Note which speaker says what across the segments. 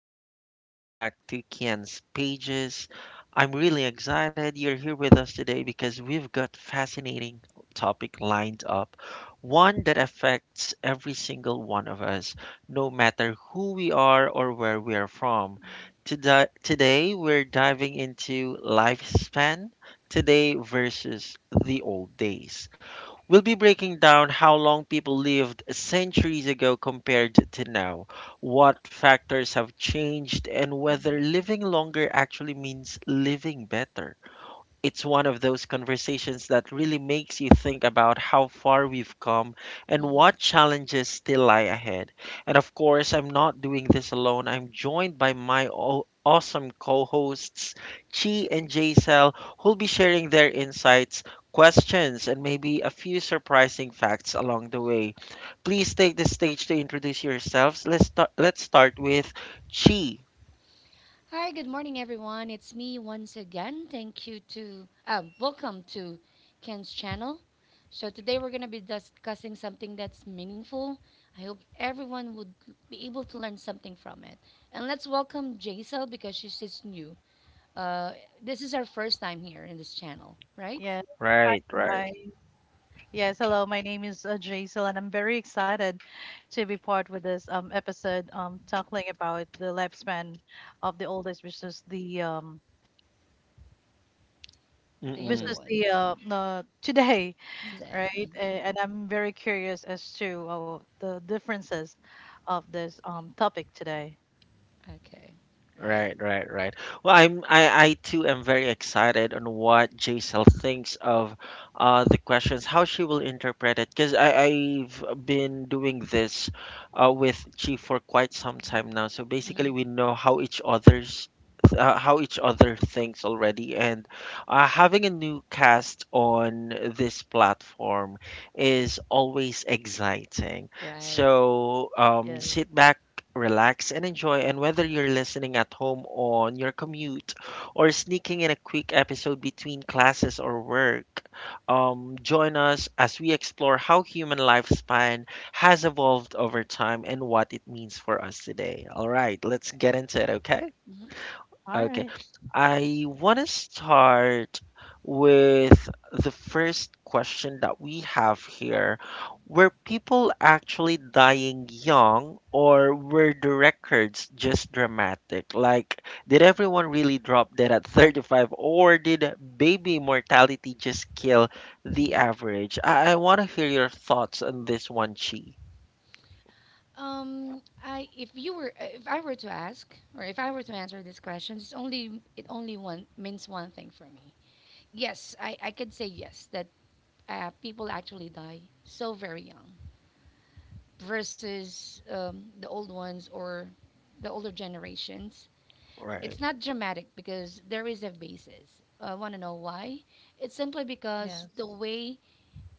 Speaker 1: Ken and welcome back to Ken's Pages. I'm really excited you're here with us today because we've got fascinating topic lined up. One that affects every single one of us, no matter who we are or where we are from. Today we're diving into lifespan today versus the old days. We'll be breaking down how long people lived centuries ago compared to now, what factors have changed, and whether living longer actually means living better. It's one of those conversations that really makes you think about how far we've come and
Speaker 2: Mhm.
Speaker 1: what challenges still lie ahead. And of course, I'm not doing this alone. I'm joined by my awesome co hosts, Chi and Jaisal, who'll be sharing their insights, questions, and maybe a few surprising facts along the way. Please take the stage to introduce yourselves. Let's start with Chi.
Speaker 2: Hi, good morning, everyone. It's me once again. Thank you to Welcome to Ken's channel. So today we're gonna be discussing something that's meaningful. I hope everyone would be able to learn something from it. And let's welcome Jaisal because she's just new. Uh, this is our first time here in this channel, right?
Speaker 3: Yes. Hi,
Speaker 1: Right, right.
Speaker 3: hi. Yes, hello. My name is Jaisal, and I'm very excited to be part with this episode talking about the lifespan of the oldest versus the um
Speaker 2: The younger
Speaker 1: Mm-mm.
Speaker 3: versus the
Speaker 2: ones
Speaker 3: uh, uh today,
Speaker 2: today.
Speaker 3: right?
Speaker 2: Mhm.
Speaker 3: And I'm very curious as to the differences of this topic today.
Speaker 2: Okay, right,
Speaker 1: Right, right, right. Well, I too am very excited on what Jaisal thinks of the questions, how she will interpret it, because I've been doing this with Chi for quite some time now. So
Speaker 2: Mhm.
Speaker 1: basically, we know how each other's how each other thinks already, and having a new cast on this platform is always exciting.
Speaker 2: right,
Speaker 1: So
Speaker 3: Yeah.
Speaker 1: sit back, relax, and enjoy. And whether you're listening at home on your commute or sneaking in a quick episode between classes or work, join us as we explore how human lifespan has evolved over time and what it means for us today. All right, let's get
Speaker 2: right.
Speaker 1: into it, okay?
Speaker 2: Mhm.
Speaker 3: All
Speaker 1: Okay.
Speaker 3: right.
Speaker 1: I want to start with the first question that we have here. Were people actually dying young, or were the records just dramatic? Like, did everyone really drop dead at 35, or did baby mortality just kill the
Speaker 2: Mhm.
Speaker 1: average? I want to hear your thoughts on this one, Chi.
Speaker 2: I if you were if I were to ask or if I were to answer these questions, it's only it only one means one thing for me. Yes, I could say yes that people actually die so very young versus the old ones or the older generations. It's
Speaker 1: Right,
Speaker 2: not dramatic because there is a basis. I want to know why. It's simply because the
Speaker 3: Yes.
Speaker 2: way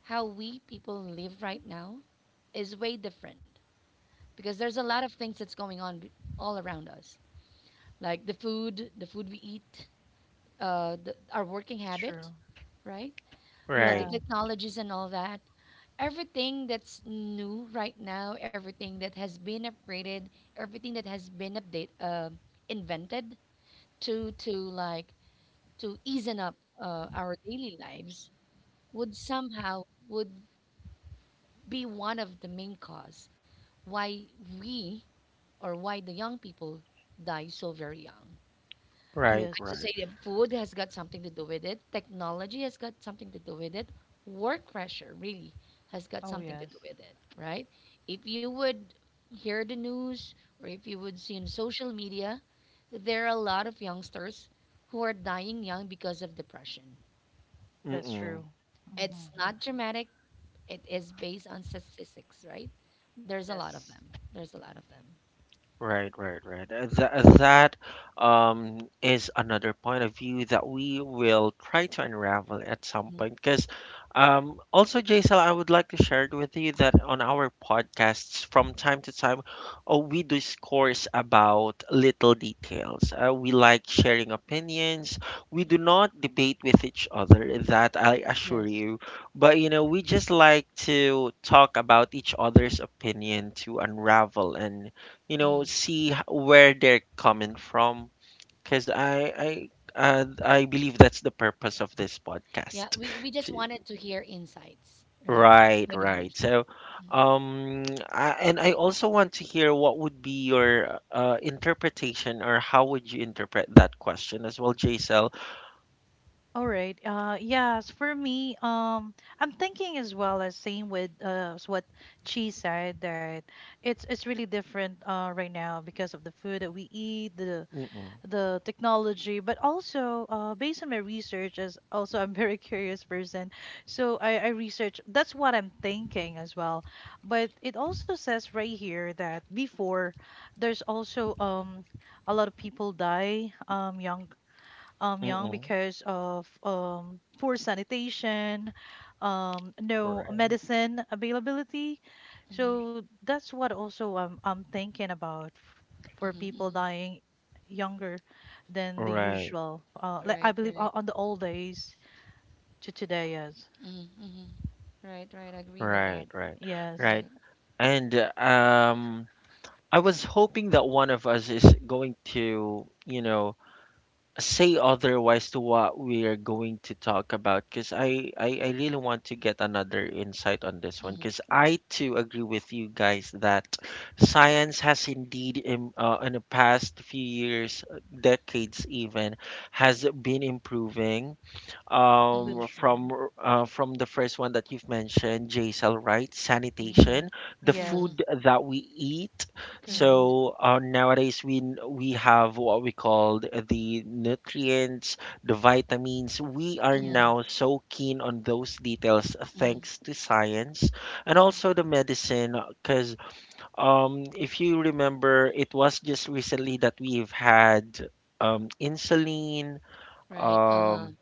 Speaker 2: how we people live right now is way different because there's a lot of things that's going on all around us like the food we eat, our working
Speaker 3: It's
Speaker 2: habit,
Speaker 3: true.
Speaker 2: right? The
Speaker 1: right,
Speaker 3: Yeah.
Speaker 2: technologies and all that. Everything that's new right now, everything that has been upgraded, everything that has been invented to to like to easen up our daily lives would somehow would be one of the main cause why we or why the young people die so very young.
Speaker 1: right,
Speaker 2: I could
Speaker 3: Yes.
Speaker 1: right.
Speaker 2: say that food has got something to do with it. Technology has got something to do with it. Work pressure really has got
Speaker 3: Oh,
Speaker 2: something to do
Speaker 3: yes.
Speaker 2: with it, right? If you would hear the news or if you would see on social media, there are a lot of youngsters who are dying young because of depression.
Speaker 3: That's
Speaker 1: Mm-mm.
Speaker 3: true. Hmm
Speaker 2: It's not dramatic, it is based on statistics, right? There's a lot of
Speaker 3: Yes.
Speaker 2: them. There's a lot of them.
Speaker 1: Right, right, right. That is another point of view that we will try to unravel at some
Speaker 2: Mhm.
Speaker 1: point. Because also, Jaisal, I would like to share it with you that on our podcasts, from time to time, we discourse about little details. We like sharing opinions. We do not debate with each other, that I assure
Speaker 3: Yes.
Speaker 1: you. But, you know, we just like to talk about each other's opinion to unravel and you know
Speaker 2: Mhm.
Speaker 1: see where they're coming from, because I believe that's the purpose of this
Speaker 2: Yeah,
Speaker 1: podcast
Speaker 2: we just
Speaker 1: to-
Speaker 2: wanted to hear insights, right? Point of views.
Speaker 1: right so
Speaker 2: Mhm.
Speaker 1: um I also want to hear what would be your interpretation or how would you interpret that question as well, jsl.
Speaker 3: All right. Yes, for me, I'm thinking as well as same with what she said that it's really different right now because of the food that we eat, the
Speaker 1: Mm-mm,
Speaker 3: the technology, but also based on my research as also I'm very curious person, so I research that's what I'm thinking as well, but it also says right here that before there's also a lot of people die young
Speaker 1: mm-mm.
Speaker 3: because of poor sanitation, no
Speaker 1: Right,
Speaker 3: medicine availability.
Speaker 2: mhm.
Speaker 3: So that's what also I'm thinking about for
Speaker 2: Mhm,
Speaker 3: people
Speaker 2: mhm.
Speaker 3: dying younger than the
Speaker 1: right,
Speaker 3: usual. Like I
Speaker 2: Right,
Speaker 3: believe
Speaker 2: right.
Speaker 3: on the old days to today, yes.
Speaker 2: Mhm, mhm. Right, right. I agree with
Speaker 1: right,
Speaker 2: that.
Speaker 1: right,
Speaker 3: Yes,
Speaker 1: right.
Speaker 2: Right.
Speaker 1: And I was hoping that one of us is going to, you know, say otherwise to what we are going to talk about, because I really want to get another insight on this one,
Speaker 2: Mhm,
Speaker 1: because I too agree with you guys that science has indeed in the past few years, decades even, has been improving
Speaker 3: that's
Speaker 1: um
Speaker 2: mhm,
Speaker 3: true.
Speaker 1: from from the first one that you've mentioned, jsl, right,
Speaker 2: mhm,
Speaker 3: Hmm
Speaker 1: sanitation, the
Speaker 3: Yes.
Speaker 2: mhm.
Speaker 1: food that we eat.
Speaker 3: hmm
Speaker 2: Correct.
Speaker 1: So nowadays we we have what we call the nutrients, the vitamins. We are
Speaker 2: Mhm,
Speaker 3: Yes.
Speaker 1: now so keen on those details
Speaker 2: mhm,
Speaker 1: thanks to science, and
Speaker 2: mhm.
Speaker 1: also the medicine, because if you remember, it was just recently that we've had insulin,
Speaker 2: Right. Uh-huh.
Speaker 1: um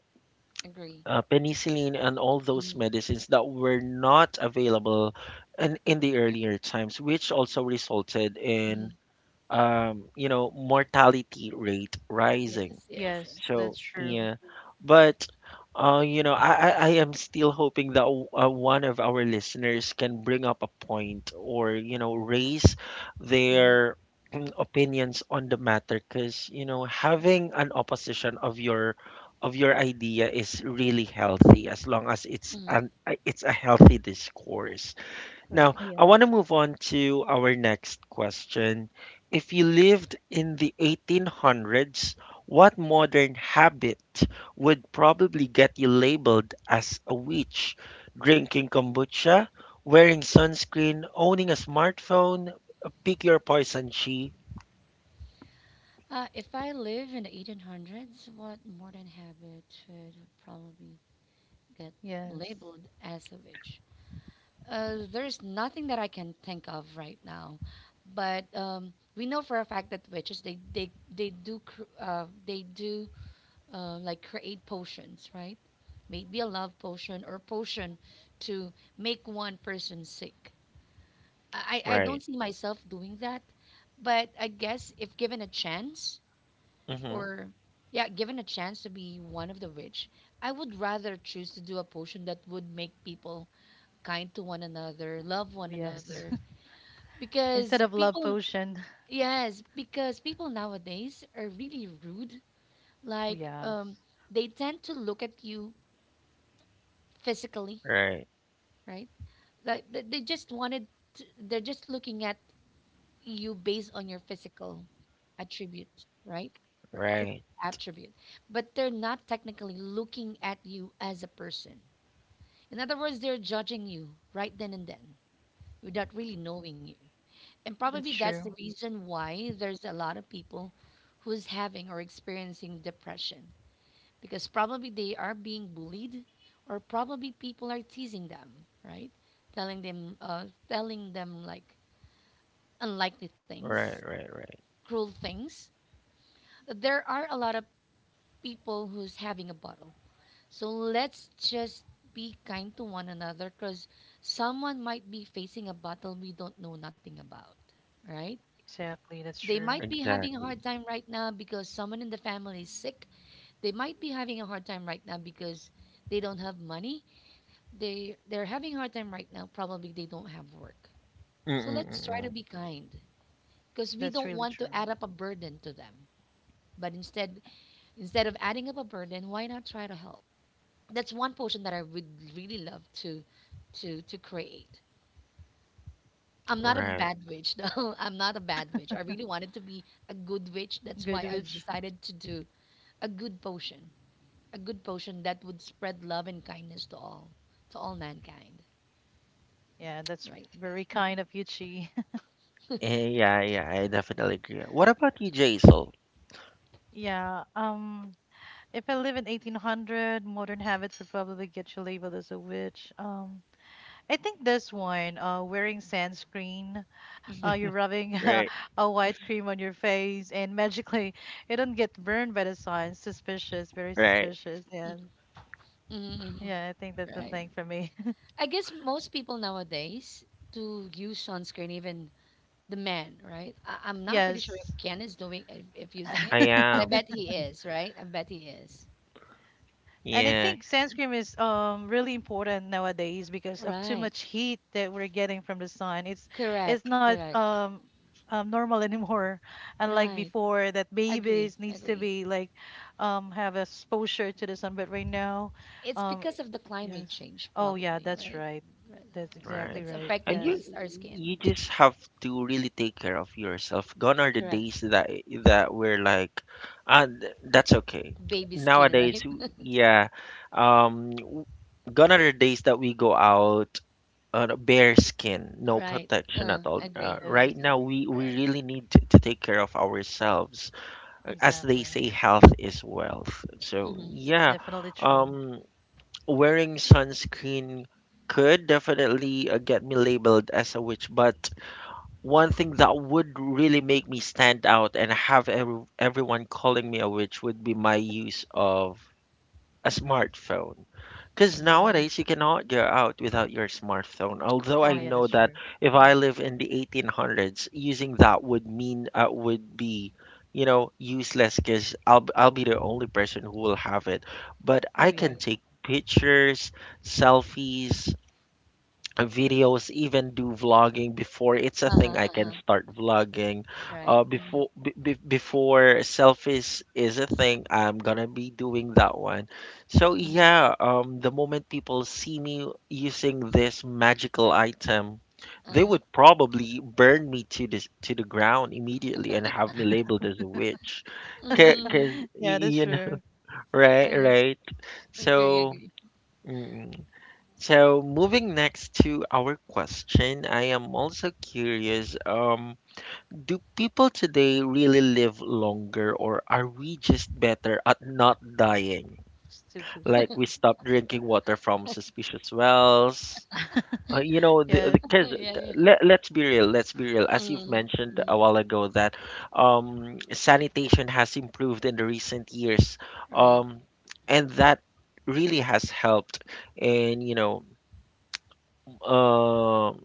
Speaker 2: Agree.
Speaker 1: penicillin, and all those
Speaker 2: Mhm,
Speaker 1: medicines that were not available in the earlier times, which also resulted in
Speaker 2: mhm.
Speaker 1: you know, mortality rate rising.
Speaker 2: Yes, yes,
Speaker 3: Yes,
Speaker 2: yes,
Speaker 3: that's
Speaker 1: So
Speaker 2: yes.
Speaker 3: true.
Speaker 2: Mhm,
Speaker 1: yeah, but you know, I am still hoping that one of our listeners can bring up a point or, you know, raise
Speaker 2: mhm,
Speaker 1: their opinions on the matter, because you know, having an opposition of your idea is really healthy, as long as it's
Speaker 2: mhm.
Speaker 1: an it's a healthy discourse. Now,
Speaker 2: Correct.
Speaker 1: I want to
Speaker 3: Yes.
Speaker 1: move on to our next question. If you lived in the 1800s, what modern habit would probably get you labeled as a witch? Drinking kombucha, wearing sunscreen, owning a smartphone, pick your poison, she.
Speaker 2: If I live in the 1800s, what modern habit should probably get
Speaker 3: Yes.
Speaker 2: labeled as a witch? There's nothing that I can think of right now, but we know for a fact that witches they do like create potions, right? Maybe a love potion or potion to make one person sick. I
Speaker 1: Right.
Speaker 2: don't see myself doing that, but I guess if given a chance
Speaker 1: Hmm.
Speaker 2: or yeah, given a chance to be one of the witch, I would rather choose to do a potion that would make people kind to one another, love one
Speaker 3: Oh, yes.
Speaker 2: another,
Speaker 3: Instead
Speaker 2: because
Speaker 3: of love
Speaker 2: people
Speaker 3: potion.
Speaker 2: yes because people nowadays are really rude like
Speaker 3: Yes.
Speaker 2: they tend to look at you physically,
Speaker 1: Right.
Speaker 2: right, like they just wanted to, they're just looking at you based on your physical attribute, right? Or
Speaker 1: Right.
Speaker 2: physical attribute, but they're not technically looking at you as a person. In other words, they're judging you right then and then, without really knowing you. And
Speaker 3: That's
Speaker 2: probably that's the
Speaker 3: true.
Speaker 2: reason why there's a lot of people who's having or experiencing depression, because probably they are being bullied or probably people are teasing them, right? Telling them unlikely things,
Speaker 1: Right. Right. Right.
Speaker 2: cruel things. There are a lot of people who's having a bottle. So let's just be kind to one another, because someone might be facing a battle we don't know nothing about, right?
Speaker 3: Exactly. That's
Speaker 2: They
Speaker 3: true.
Speaker 2: might be having a
Speaker 1: Exactly.
Speaker 2: hard time right now because someone in the family is sick. They might be having a hard time right now because they don't have money. They they're having a hard time right now. Probably they don't have work. So let's try to
Speaker 1: Mm-mm-mm.
Speaker 2: be kind, because we
Speaker 3: That's
Speaker 2: don't
Speaker 3: really
Speaker 2: want to
Speaker 3: true.
Speaker 2: add up a burden to them. But instead of adding up a burden, why not try to help? That's one portion that I would really love to create. I'm not a
Speaker 1: Right.
Speaker 2: bad witch though. I'm not a bad witch. I really wanted to be a good witch. That's
Speaker 3: Good
Speaker 2: why I
Speaker 3: witch.
Speaker 2: decided to do a good potion, a good potion that would spread love and kindness to all mankind,
Speaker 3: Yeah, that's
Speaker 2: right?
Speaker 3: very kind of you, Chi.
Speaker 1: Eh, yeah. Yeah. I definitely agree. What about you, Jaisal?
Speaker 3: Yeah. If I live in 1800, modern habits would probably get you labeled as a witch. I think this one, wearing sunscreen, you're rubbing
Speaker 1: Right.
Speaker 3: a white cream on your face, and magically you don't get burned by the sun. Suspicious. Very
Speaker 1: Right.
Speaker 3: suspicious. Yeah.
Speaker 2: Mm-hmm.
Speaker 3: Yeah, I think that's the
Speaker 1: Mm,
Speaker 2: Right.
Speaker 3: thing for me.
Speaker 2: I guess most people nowadays to use sunscreen, even the men, right? I'm not pretty sure if
Speaker 3: Yes.
Speaker 2: Ken is doing if using it,
Speaker 1: I
Speaker 2: but I
Speaker 1: am.
Speaker 2: bet he is, right? I bet he is.
Speaker 3: And I
Speaker 1: Yeah.
Speaker 3: think sunscreen is really important nowadays because of too
Speaker 2: Right.
Speaker 3: much heat that we're getting from the sun. It's
Speaker 2: Correct.
Speaker 3: not
Speaker 2: Correct.
Speaker 3: normal anymore, unlike
Speaker 2: Right.
Speaker 3: before that
Speaker 2: Agree.
Speaker 3: babies needs to
Speaker 2: Agree.
Speaker 3: be like have exposure to the sun. But right now,
Speaker 2: It's
Speaker 3: um,
Speaker 2: because of the climate
Speaker 3: yes,
Speaker 2: change,
Speaker 3: oh yeah,
Speaker 2: probably,
Speaker 3: that's
Speaker 2: right?
Speaker 3: right.
Speaker 2: Right.
Speaker 3: That's exactly
Speaker 1: Right.
Speaker 2: That's
Speaker 3: right.
Speaker 1: And
Speaker 2: affecting
Speaker 3: Yes,
Speaker 2: us, our skin.
Speaker 1: you just have to really take care of yourself. Gone are the
Speaker 2: Correct.
Speaker 1: days that that we're like, ah, that's okay.
Speaker 2: Baby skin,
Speaker 1: Nowadays,
Speaker 2: right?
Speaker 1: yeah. Um, w- gone are the days that we go out on a bare skin, no
Speaker 2: Right.
Speaker 1: protection at all.
Speaker 2: Agree.
Speaker 3: yes,
Speaker 1: Right
Speaker 2: Agree.
Speaker 1: now, we
Speaker 2: Right.
Speaker 1: really need to take care of ourselves. As they
Speaker 3: exactly.
Speaker 1: say, health is wealth. So
Speaker 3: Mm.
Speaker 2: Mm-hmm.
Speaker 1: yeah.
Speaker 3: Definitely true.
Speaker 1: Um, wearing sunscreen could definitely get me labeled as a witch, but one thing that would really make me stand out and have everyone calling me a witch would be my use of a smartphone. Because
Speaker 2: Mm-hmm.
Speaker 1: nowadays you cannot go out without your smartphone. Although
Speaker 3: Oh
Speaker 1: I
Speaker 2: Correct.
Speaker 3: yeah, that's
Speaker 1: know that
Speaker 3: true.
Speaker 1: if I
Speaker 2: Mm-hmm.
Speaker 1: live in the 1800s, using that would mean would be, you know, useless. Because I'll be the only person who will have it. But
Speaker 3: Oh
Speaker 1: I
Speaker 3: yeah,
Speaker 2: Right.
Speaker 1: can take pictures, selfies, videos, even do vlogging. Before it's a thing,
Speaker 2: Uh-huh.
Speaker 1: I
Speaker 2: Uh-huh.
Speaker 1: can start vlogging.
Speaker 2: Right. Mm-hmm.
Speaker 1: Before b b before selfies is a thing, I'm gonna be doing that one. So
Speaker 2: Mm-hmm.
Speaker 1: yeah, the moment people see me using this magical item, they
Speaker 2: Uh-huh.
Speaker 1: would probably burn me to the ground immediately and have me labeled as a witch.
Speaker 2: Mm-hmm. mm-hmm.
Speaker 3: yeah, that's
Speaker 1: You know,
Speaker 3: true.
Speaker 1: right,
Speaker 2: Uh-huh.
Speaker 1: right.
Speaker 2: Agree.
Speaker 1: So.
Speaker 2: Agree.
Speaker 1: Mm, so moving next to our question, I am also curious, do people today really live longer or are we just better at not dying?
Speaker 3: Stupid.
Speaker 1: Like we stop drinking water from suspicious wells. You know, the,
Speaker 3: Yeah,
Speaker 1: the cause
Speaker 2: yeah. Yeah.
Speaker 1: Let, let's be real, let's be real. As you've
Speaker 2: Mm-hmm.
Speaker 1: mentioned
Speaker 2: Mm-hmm.
Speaker 1: a while ago, that sanitation has improved in the recent years.
Speaker 2: Right.
Speaker 1: Um, and that really has helped in, you know, um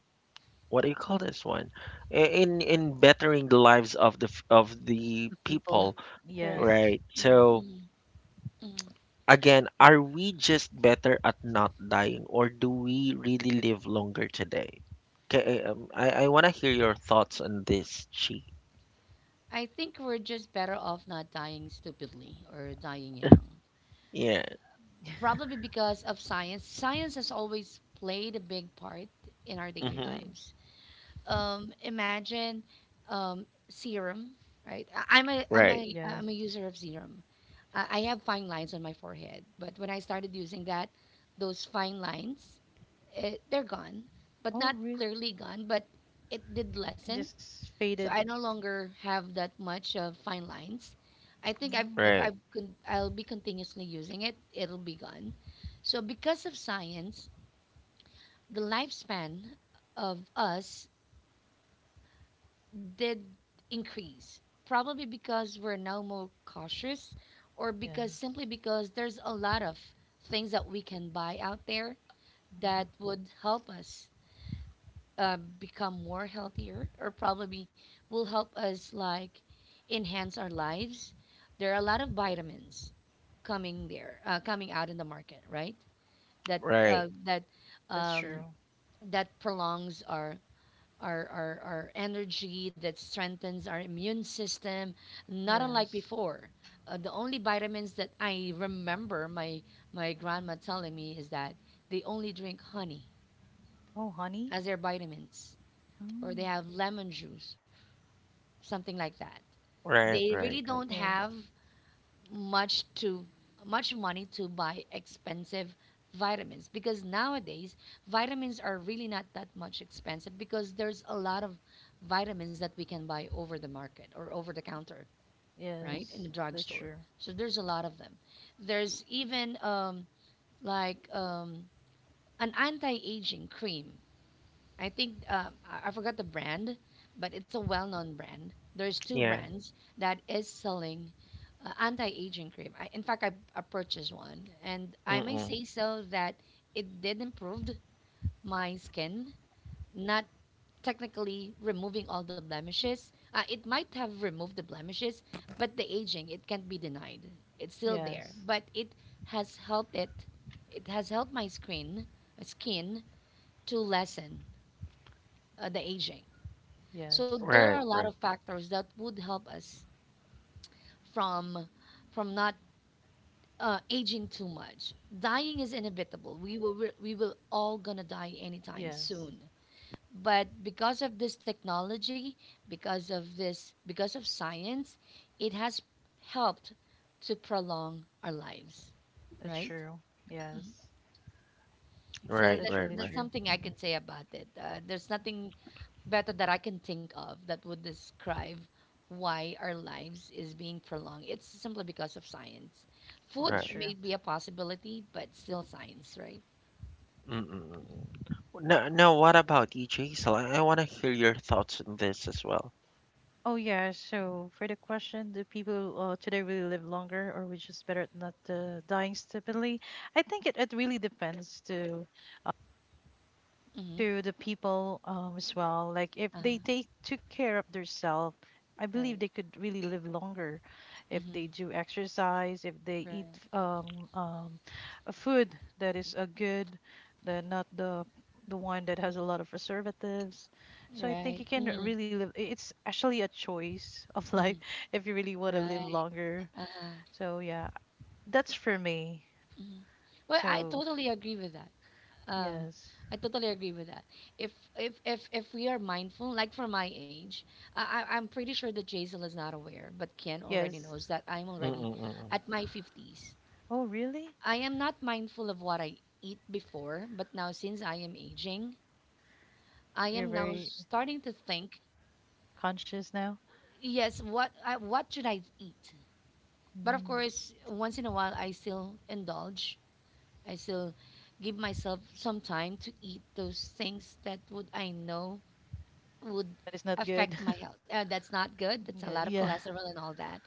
Speaker 1: what do you call this one I- in bettering the lives of the of the
Speaker 3: the people.
Speaker 1: people.
Speaker 2: Correct.
Speaker 3: Yes.
Speaker 1: Right,
Speaker 2: Mm-hmm.
Speaker 1: so
Speaker 2: Mm-hmm. Mm-hmm.
Speaker 1: again, are we just better at not dying or do we really live longer today? Okay, I want to hear your thoughts on this, Chi.
Speaker 2: I think we're just better off not dying stupidly or dying young.
Speaker 1: Yeah.
Speaker 3: Yeah.
Speaker 2: Probably because of science. Science has always played a big part in our daily
Speaker 1: Hmm.
Speaker 2: lives. Imagine serum, right?
Speaker 1: Right,
Speaker 3: Yes.
Speaker 2: I'm a user of serum. I have fine lines on my forehead, but when I started using that, those fine lines, eh, they're gone, but
Speaker 3: Oh,
Speaker 2: not
Speaker 3: really?
Speaker 2: clearly gone, but it did
Speaker 3: It
Speaker 2: lessen.
Speaker 3: just
Speaker 2: So
Speaker 3: faded.
Speaker 2: I no longer have that much of fine lines. I think
Speaker 3: Mm.
Speaker 2: if
Speaker 1: right,
Speaker 2: I'll be continuously using it, it'll be gone. So because of science, the lifespan of us did increase, probably because we're now more cautious or because simply
Speaker 3: Yes.
Speaker 2: because there's a lot of things that we can buy out there that
Speaker 3: Mhm.
Speaker 2: would help us become more healthier or probably will help us like enhance our lives. There are a lot of vitamins coming out in the market, right? That
Speaker 1: right,
Speaker 2: uh, that
Speaker 3: That's
Speaker 2: um,
Speaker 3: true.
Speaker 2: that prolongs our energy, that strengthens our immune system, not unlike
Speaker 3: Yes.
Speaker 2: before. The only vitamins that I remember my grandma telling me is that they only drink honey
Speaker 3: Oh, honey?
Speaker 2: as their vitamins, or they
Speaker 3: Mm.
Speaker 2: have lemon juice, something like that.
Speaker 1: right,
Speaker 2: They
Speaker 1: right.
Speaker 2: really don't have
Speaker 3: Yes.
Speaker 2: much to much money to buy expensive vitamins, because nowadays vitamins are really not that much expensive because there's a lot of vitamins that we can buy over the market or over the counter, right, in
Speaker 3: Yes.
Speaker 2: the
Speaker 3: That's
Speaker 2: drugstore.
Speaker 3: true.
Speaker 2: So there's a lot of them. There's even like um, an anti-aging cream. I think I forgot the brand, but it's a well-known brand. There's two
Speaker 1: Yeah.
Speaker 2: brands that is selling anti-aging cream. In fact, I purchased one, and I may
Speaker 1: Mm-mm.
Speaker 2: say so that it did improve my skin. Not technically removing all the blemishes. It might have removed the blemishes, but the aging it can't be denied. It's still there,
Speaker 3: Yes.
Speaker 2: but it has helped it. It has helped my skin to lessen the aging. So
Speaker 3: Yes.
Speaker 2: there are
Speaker 1: Right,
Speaker 2: a lot
Speaker 1: right,
Speaker 2: of factors that would help us from from not aging too much. Dying is inevitable. We will all gonna die anytime
Speaker 3: Yes.
Speaker 2: soon. But because of this technology, because of science, it has helped to prolong our lives,
Speaker 3: That's
Speaker 2: right?
Speaker 3: true.
Speaker 2: Mhm.
Speaker 3: Yes.
Speaker 2: So
Speaker 1: right,
Speaker 3: That's
Speaker 2: that's
Speaker 1: right,
Speaker 3: really
Speaker 2: that's
Speaker 1: right,
Speaker 3: true.
Speaker 2: something I
Speaker 3: Hmm
Speaker 2: could say about it. There's nothing better that I can think of that would describe why our lives is being prolonged. It's simply because of science.
Speaker 3: That's
Speaker 2: Food
Speaker 1: right.
Speaker 3: true.
Speaker 2: may be a possibility, but still science, right?
Speaker 1: Mm, mm, mm. No, no, what about you, Jaisal? I want to hear your thoughts on this as well.
Speaker 3: Oh, yeah. So, for the question, do people today really live longer or we just better at not dying stupidly? I think it really depends
Speaker 2: Mm-hmm.
Speaker 3: to the people as well. Like if they
Speaker 2: Uh-huh.
Speaker 3: take took care of themselves, I believe
Speaker 2: Right.
Speaker 3: they could really live longer if
Speaker 2: Mm-hmm.
Speaker 3: they do exercise, if they eat
Speaker 2: Right.
Speaker 3: a food that is a good, that not the one that has a lot of preservatives. So I think
Speaker 2: Right.
Speaker 3: you can
Speaker 2: Mm-hmm.
Speaker 3: really live. It's actually a choice of life
Speaker 2: Mm-hmm.
Speaker 3: if you really want to live
Speaker 2: Right.
Speaker 3: longer.
Speaker 2: Uh-huh.
Speaker 3: So yeah, that's for me.
Speaker 2: Mm-hmm. Well, I
Speaker 3: So
Speaker 2: totally agree with that. Um,
Speaker 3: yes,
Speaker 2: I totally agree with that. If if we are mindful, like for my age, I'm pretty sure that Jason is not aware, but Ken already
Speaker 3: yes.
Speaker 2: knows that I'm
Speaker 1: Mm,
Speaker 2: already
Speaker 1: mm, mm,
Speaker 2: at
Speaker 1: mm.
Speaker 2: my 50s.
Speaker 3: Oh really?
Speaker 2: I am not mindful of what I eat before, but now since I am aging, I
Speaker 3: You're
Speaker 2: am now
Speaker 3: very
Speaker 2: starting to think,
Speaker 3: conscious now.
Speaker 2: yes, what should I eat? But of
Speaker 3: Mm,
Speaker 2: course, once in a while, I still indulge. I still give myself some time to eat those things that would I know would
Speaker 3: that is not good.
Speaker 2: affect my health. That's not good. That's a
Speaker 3: Yeah.
Speaker 2: lot of
Speaker 3: Yeah.
Speaker 2: cholesterol and all that.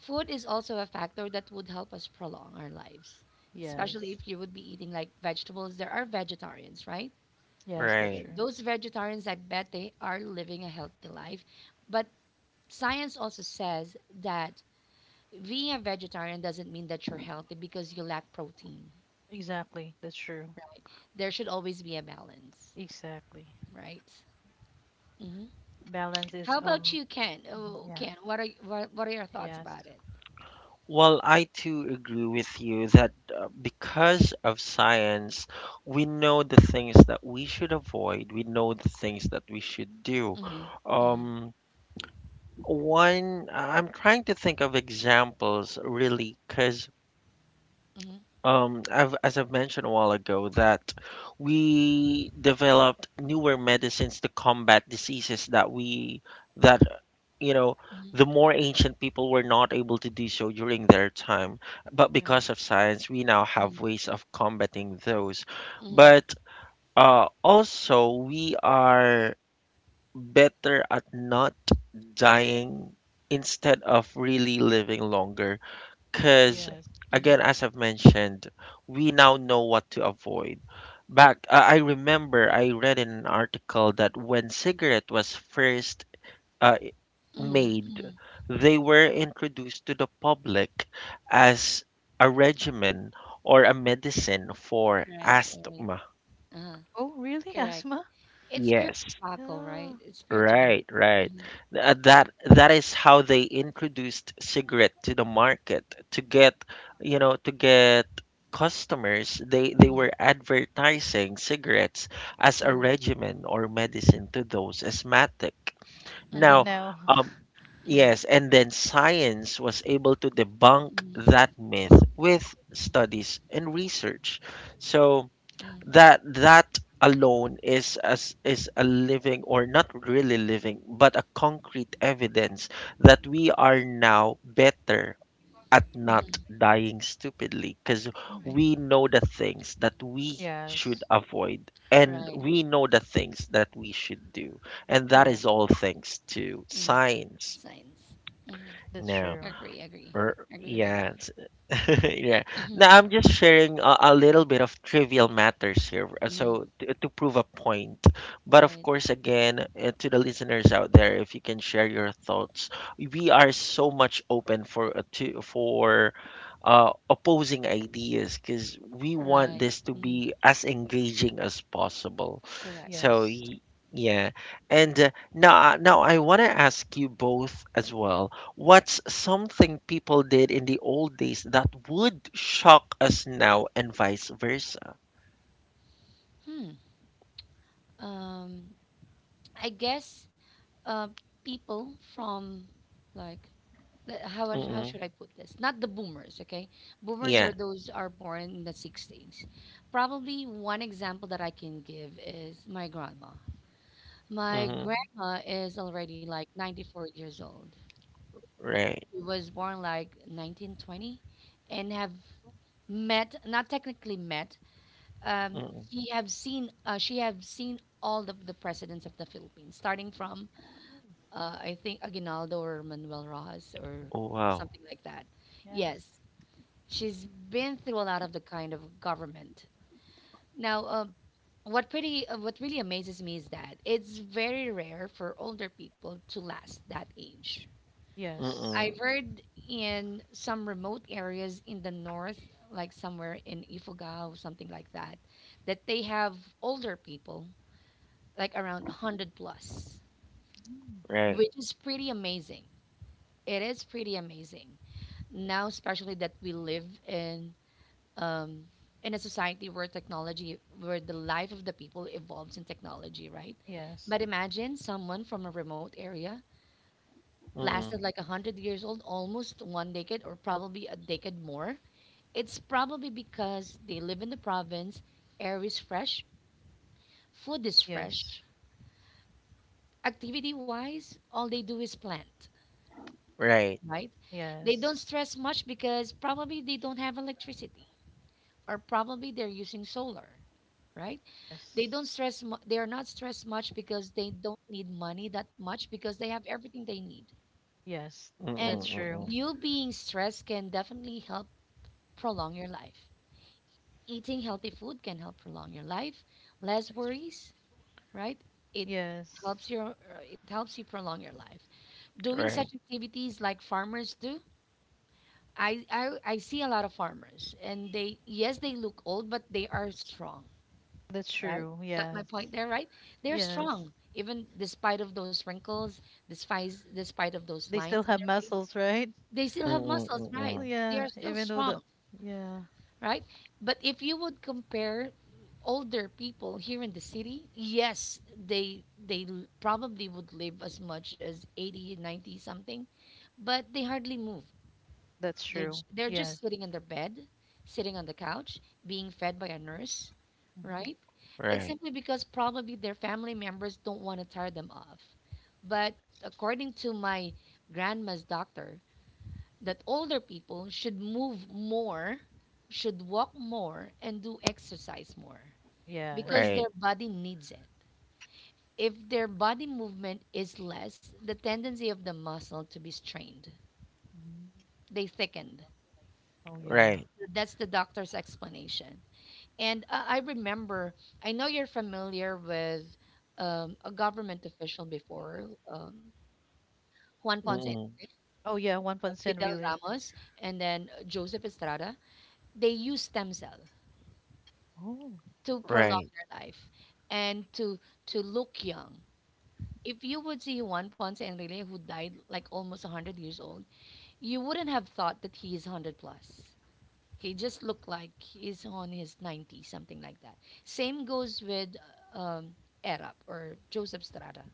Speaker 2: Food is also a factor that would help us prolong our lives, especially
Speaker 3: Yes.
Speaker 2: if you would be eating like vegetables. There are vegetarians, right?
Speaker 3: Yes, that's
Speaker 2: So
Speaker 1: Right.
Speaker 3: true.
Speaker 2: those vegetarians, I bet they are living a healthy life. But science also says that being a vegetarian doesn't mean that you're healthy because you lack protein,
Speaker 3: Exactly. That's true.
Speaker 2: right? There should always be a balance,
Speaker 3: Exactly.
Speaker 2: right? hmm
Speaker 3: Balance is
Speaker 2: How about
Speaker 3: um.
Speaker 2: you, Ken?
Speaker 3: Mhm.
Speaker 2: Oh,
Speaker 3: Yeah.
Speaker 2: Ken, what are what are your thoughts
Speaker 3: Yes.
Speaker 2: about it?
Speaker 1: Well, I too agree with you that because of science, we know the things that we should avoid, we know the things that we should do.
Speaker 2: Mhm. Mhm.
Speaker 1: Um, one, I'm trying to think of examples really, because
Speaker 2: Mhm.
Speaker 1: I've, as I've mentioned a while ago, that we developed newer medicines to combat diseases that, you know,
Speaker 2: Mhm.
Speaker 1: the more ancient people were not able to do so during their time. But
Speaker 2: Right.
Speaker 1: because of science, we now have
Speaker 2: Mhm.
Speaker 1: ways of combating those.
Speaker 2: Mhm.
Speaker 1: But also we are better at not dying instead of really living longer because,
Speaker 3: Yes.
Speaker 2: Mhm.
Speaker 1: again, as I've mentioned, we now know what to avoid. Back, I remember I read in an article that when cigarette was first uh,
Speaker 2: Mhm.
Speaker 1: made,
Speaker 2: Mhm.
Speaker 1: they were introduced to the public as a regimen or a medicine for
Speaker 2: Right. Right.
Speaker 1: asthma.
Speaker 2: Uh-huh.
Speaker 3: Oh, really?
Speaker 2: Correct.
Speaker 3: Asthma?
Speaker 2: It's pure
Speaker 1: Yes.
Speaker 2: tobacco, right?
Speaker 3: Yeah.
Speaker 2: It's pure tobacco.
Speaker 1: Right, right.
Speaker 2: Mhm.
Speaker 1: That that is how they introduced cigarette to the market to get, you know, to get customers. They
Speaker 2: Mhm.
Speaker 1: were advertising cigarettes as a
Speaker 2: Mhm.
Speaker 1: regimen or medicine to those asthmatic.
Speaker 3: And then
Speaker 1: Now,
Speaker 2: Mhm.
Speaker 3: now.
Speaker 1: um,
Speaker 2: Mhm.
Speaker 1: yes, and then science was able to debunk that
Speaker 2: Mhm.
Speaker 1: myth with studies and research. So
Speaker 2: Mhm.
Speaker 1: that that alone is as is a living, or not really living, but a concrete evidence that we are now better at not
Speaker 2: Mhm.
Speaker 1: dying stupidly because
Speaker 2: Right.
Speaker 3: Mhm.
Speaker 1: we know the things that we should
Speaker 3: Yes.
Speaker 1: avoid and
Speaker 2: Right.
Speaker 1: we know the things that we should do, and that is
Speaker 2: Correct.
Speaker 1: all thanks to
Speaker 2: Mm.
Speaker 1: science
Speaker 2: Science. Mhm.
Speaker 3: That's
Speaker 1: now,
Speaker 3: true.
Speaker 2: Agree. Agree.
Speaker 1: or
Speaker 2: Agree with that.
Speaker 1: yeah. Yeah.
Speaker 2: Mhm.
Speaker 1: Now I'm just sharing a little bit of trivial matters here,
Speaker 2: Mhm.
Speaker 1: so to prove a point. But of
Speaker 2: Right.
Speaker 1: course, again, to the listeners out there, if you can share your thoughts, we are so much open for to for opposing ideas, because we want
Speaker 2: Right.
Speaker 1: this to
Speaker 2: Mhm.
Speaker 1: be as engaging as possible.
Speaker 2: Correct.
Speaker 1: So
Speaker 3: Yes.
Speaker 1: y- yeah, and now I want to ask you both as well, what's something people did in the old days that would shock us now, and vice versa?
Speaker 2: Hmm. Um. I guess. Uh. People from like how I- how
Speaker 1: Mm-mm.
Speaker 2: should I put this? Not the boomers, okay? Boomers are
Speaker 1: Yeah.
Speaker 2: those are born in the sixties. Probably one example that I can give is my grandma. My
Speaker 1: Mm-hmm.
Speaker 2: grandma is already like 94 years old.
Speaker 1: Right.
Speaker 2: She was born like 1920 and have met not technically met um,
Speaker 1: Mm-mm.
Speaker 2: she have seen all the presidents of the Philippines starting from
Speaker 3: Mm.
Speaker 2: I think Aguinaldo or Manuel Rojas or
Speaker 1: Oh, wow.
Speaker 2: something like that,
Speaker 3: Yes.
Speaker 2: yes. She's been through a lot of the kind of government. Now, what pretty what really amazes me is that it's very rare for older people to last that age.
Speaker 3: Yes.
Speaker 2: I've
Speaker 1: Mm-mm.
Speaker 2: heard in some remote areas in the north, like somewhere in Ifugao or something like that, that they have older people like around 100 plus,
Speaker 3: Mm.
Speaker 1: Right.
Speaker 2: which is pretty amazing. It is pretty amazing now, especially that we live um, in a society where technology, where the life of the people evolves in technology, right?
Speaker 3: Yes.
Speaker 2: But imagine someone from a remote area lasted
Speaker 1: Mm-mm.
Speaker 2: like 100 years old, almost one decade or probably a decade more. It's probably because they live in the province, air is fresh, food is
Speaker 3: Yes.
Speaker 2: fresh. Activity wise, all they do is plant,
Speaker 1: Right.
Speaker 2: right? They
Speaker 3: Yes.
Speaker 2: don't stress much because probably they don't have electricity or probably they're using solar, right? They
Speaker 3: Yes.
Speaker 2: don't stress. They are not stressed much because they don't need money that much because they have everything they need.
Speaker 3: Yes. That's
Speaker 1: Mm-mm.
Speaker 2: And
Speaker 1: Mm-mm.
Speaker 3: true.
Speaker 2: you being stressed can definitely help prolong your life. Eating healthy food can help prolong your life. Less
Speaker 3: That's tr-
Speaker 2: worries, right? It
Speaker 3: Yes.
Speaker 2: helps your it helps you prolong your life. Doing such
Speaker 1: Right.
Speaker 2: activities like farmers do. I see a lot of farmers and they, yes, they look old but they are strong.
Speaker 3: That's
Speaker 2: Right?
Speaker 3: true.
Speaker 2: Got my point
Speaker 3: Yes.
Speaker 2: there, right? They're
Speaker 3: Yes.
Speaker 2: strong, even despite of those wrinkles, despite of those
Speaker 3: They
Speaker 2: lines
Speaker 3: still
Speaker 2: on
Speaker 3: have
Speaker 2: their face,
Speaker 3: muscles, right?
Speaker 2: they still have
Speaker 1: Mm-mm.
Speaker 2: muscles, right?
Speaker 1: Mm-mm.
Speaker 2: They
Speaker 3: Yeah.
Speaker 2: are still
Speaker 3: Even though the,
Speaker 2: strong,
Speaker 3: yeah,
Speaker 2: right? But if you would compare older people here in the city, yes, they probably would live as much as 80, 90 something, but they hardly move.
Speaker 3: that's true.
Speaker 2: They're just
Speaker 3: Yes.
Speaker 2: sitting in their bed, sitting on the couch, being fed by a nurse,
Speaker 3: hmm
Speaker 2: right? It's
Speaker 1: Right.
Speaker 2: simply because probably their family members don't want to tire them off. But according to my grandma's doctor, that older people should move more, should walk more, and do exercise more because
Speaker 3: Yes.
Speaker 1: Right.
Speaker 2: their body needs it. If their body movement is less, the tendency of the muscle to be strained,
Speaker 3: Mhm.
Speaker 2: they thickened.
Speaker 3: Oh, yeah.
Speaker 1: Right.
Speaker 2: That's the doctor's explanation. And I remember, I know you're familiar with a government official before, Juan Ponce,
Speaker 1: Mm-mm.
Speaker 3: Oh, yeah. 1%
Speaker 2: Fidel
Speaker 3: really.
Speaker 2: Ramos, and then Joseph Estrada. They use stem cell
Speaker 3: Oh.
Speaker 2: to prolong
Speaker 1: Right.
Speaker 2: their life and to look young. If you would see Juan Ponce Enrile, who died like almost 100 years old, you wouldn't have thought that he is 100 plus. He just looked like he's on his 90s, something like that. Same goes with um, Erap or Joseph Strada.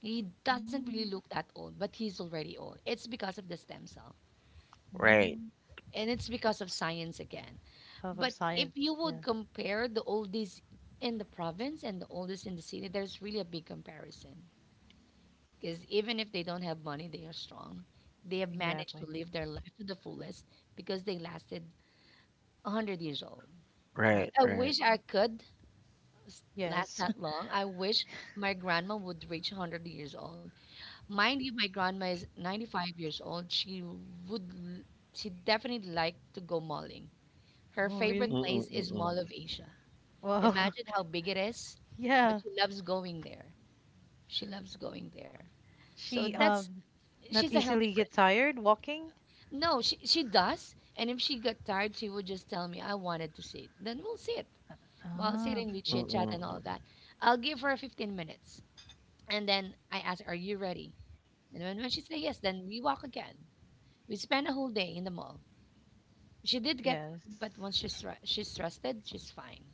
Speaker 2: He doesn't really
Speaker 3: Mm.
Speaker 2: look that old, but he's already old. It's because of the stem cell
Speaker 1: Right.
Speaker 3: Mm.
Speaker 2: and it's because of science again.
Speaker 3: Half of
Speaker 2: But if you
Speaker 3: science.
Speaker 2: would
Speaker 3: Yeah.
Speaker 2: compare the oldies in the province and the oldest in the city, there's really a big comparison because even if they don't have money, they are strong. They have managed to
Speaker 3: Exactly.
Speaker 2: live their life to the fullest because they lasted 100 years old, right?
Speaker 1: Right.
Speaker 2: I
Speaker 1: Right.
Speaker 2: wish I could last
Speaker 3: Yes.
Speaker 2: that long. I wish my grandma would reach 100 years old. Mind you, my grandma is 95 years old. Would, l- she definitely like to go malling. Her
Speaker 3: Oh,
Speaker 2: favorite
Speaker 3: really?
Speaker 1: Mm-mm.
Speaker 2: place is
Speaker 1: Mm-mm.
Speaker 2: Mall of Asia.
Speaker 3: Wow.
Speaker 2: Imagine how big it is, but
Speaker 3: Yeah.
Speaker 2: she loves going there. She loves going there. So
Speaker 3: She, not
Speaker 2: she's a healthy
Speaker 3: easily get
Speaker 2: person.
Speaker 3: tired walking.
Speaker 2: No, she does. And if she got tired, she would just tell me, I wanted to see it. Then we'll see it. While
Speaker 3: Ah,
Speaker 2: sitting, we chit chat
Speaker 1: Mm-mm.
Speaker 2: and
Speaker 1: Mm-mm.
Speaker 2: all that. I'll give her 15 minutes. And then I ask, Are you ready? And when she say yes, then we walk again. We spend a whole day in the mall. She did get,
Speaker 3: yes.
Speaker 2: but she's trusted, she's fine.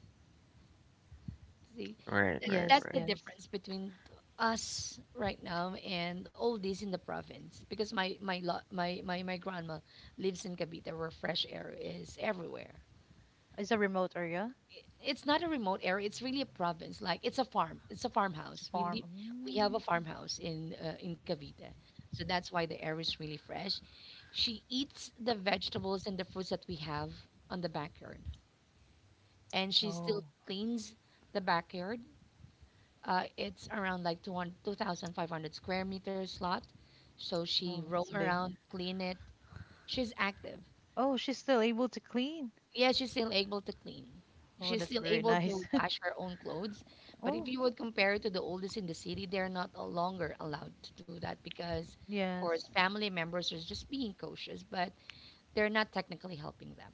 Speaker 2: See,
Speaker 1: Right. Right.
Speaker 2: That's
Speaker 3: Yes,
Speaker 2: the
Speaker 1: Right.
Speaker 3: yes.
Speaker 2: difference between us right now and all these in the province. Because my, lo- my grandma lives in Cavite where fresh air is everywhere.
Speaker 3: It's a remote area.
Speaker 2: It's not a remote area, it's really a province, like it's a farm, it's a
Speaker 3: It's a
Speaker 2: farmhouse we live,
Speaker 3: farm.
Speaker 2: we have
Speaker 3: Mm.
Speaker 2: a farmhouse in Cavite. So that's why the air is really fresh. She eats the vegetables and the fruits that we have on the backyard and she
Speaker 3: Oh,
Speaker 2: still cleans the backyard. It's around like 200 2500 square meters lot, so she
Speaker 3: oh, that's
Speaker 2: roam
Speaker 3: big.
Speaker 2: around clean it. She's active.
Speaker 3: Oh, she's still able to clean.
Speaker 2: Yeah, she's still able to clean.
Speaker 3: Oh,
Speaker 2: She's
Speaker 3: that's
Speaker 2: still
Speaker 3: very
Speaker 2: able to
Speaker 3: nice.
Speaker 2: wash her own clothes. But if
Speaker 3: Oh,
Speaker 2: you would compare it to the oldest in the city, they're not no longer allowed to do that because, of
Speaker 3: yes.
Speaker 2: course, family members are just being cautious, but they're not technically helping them,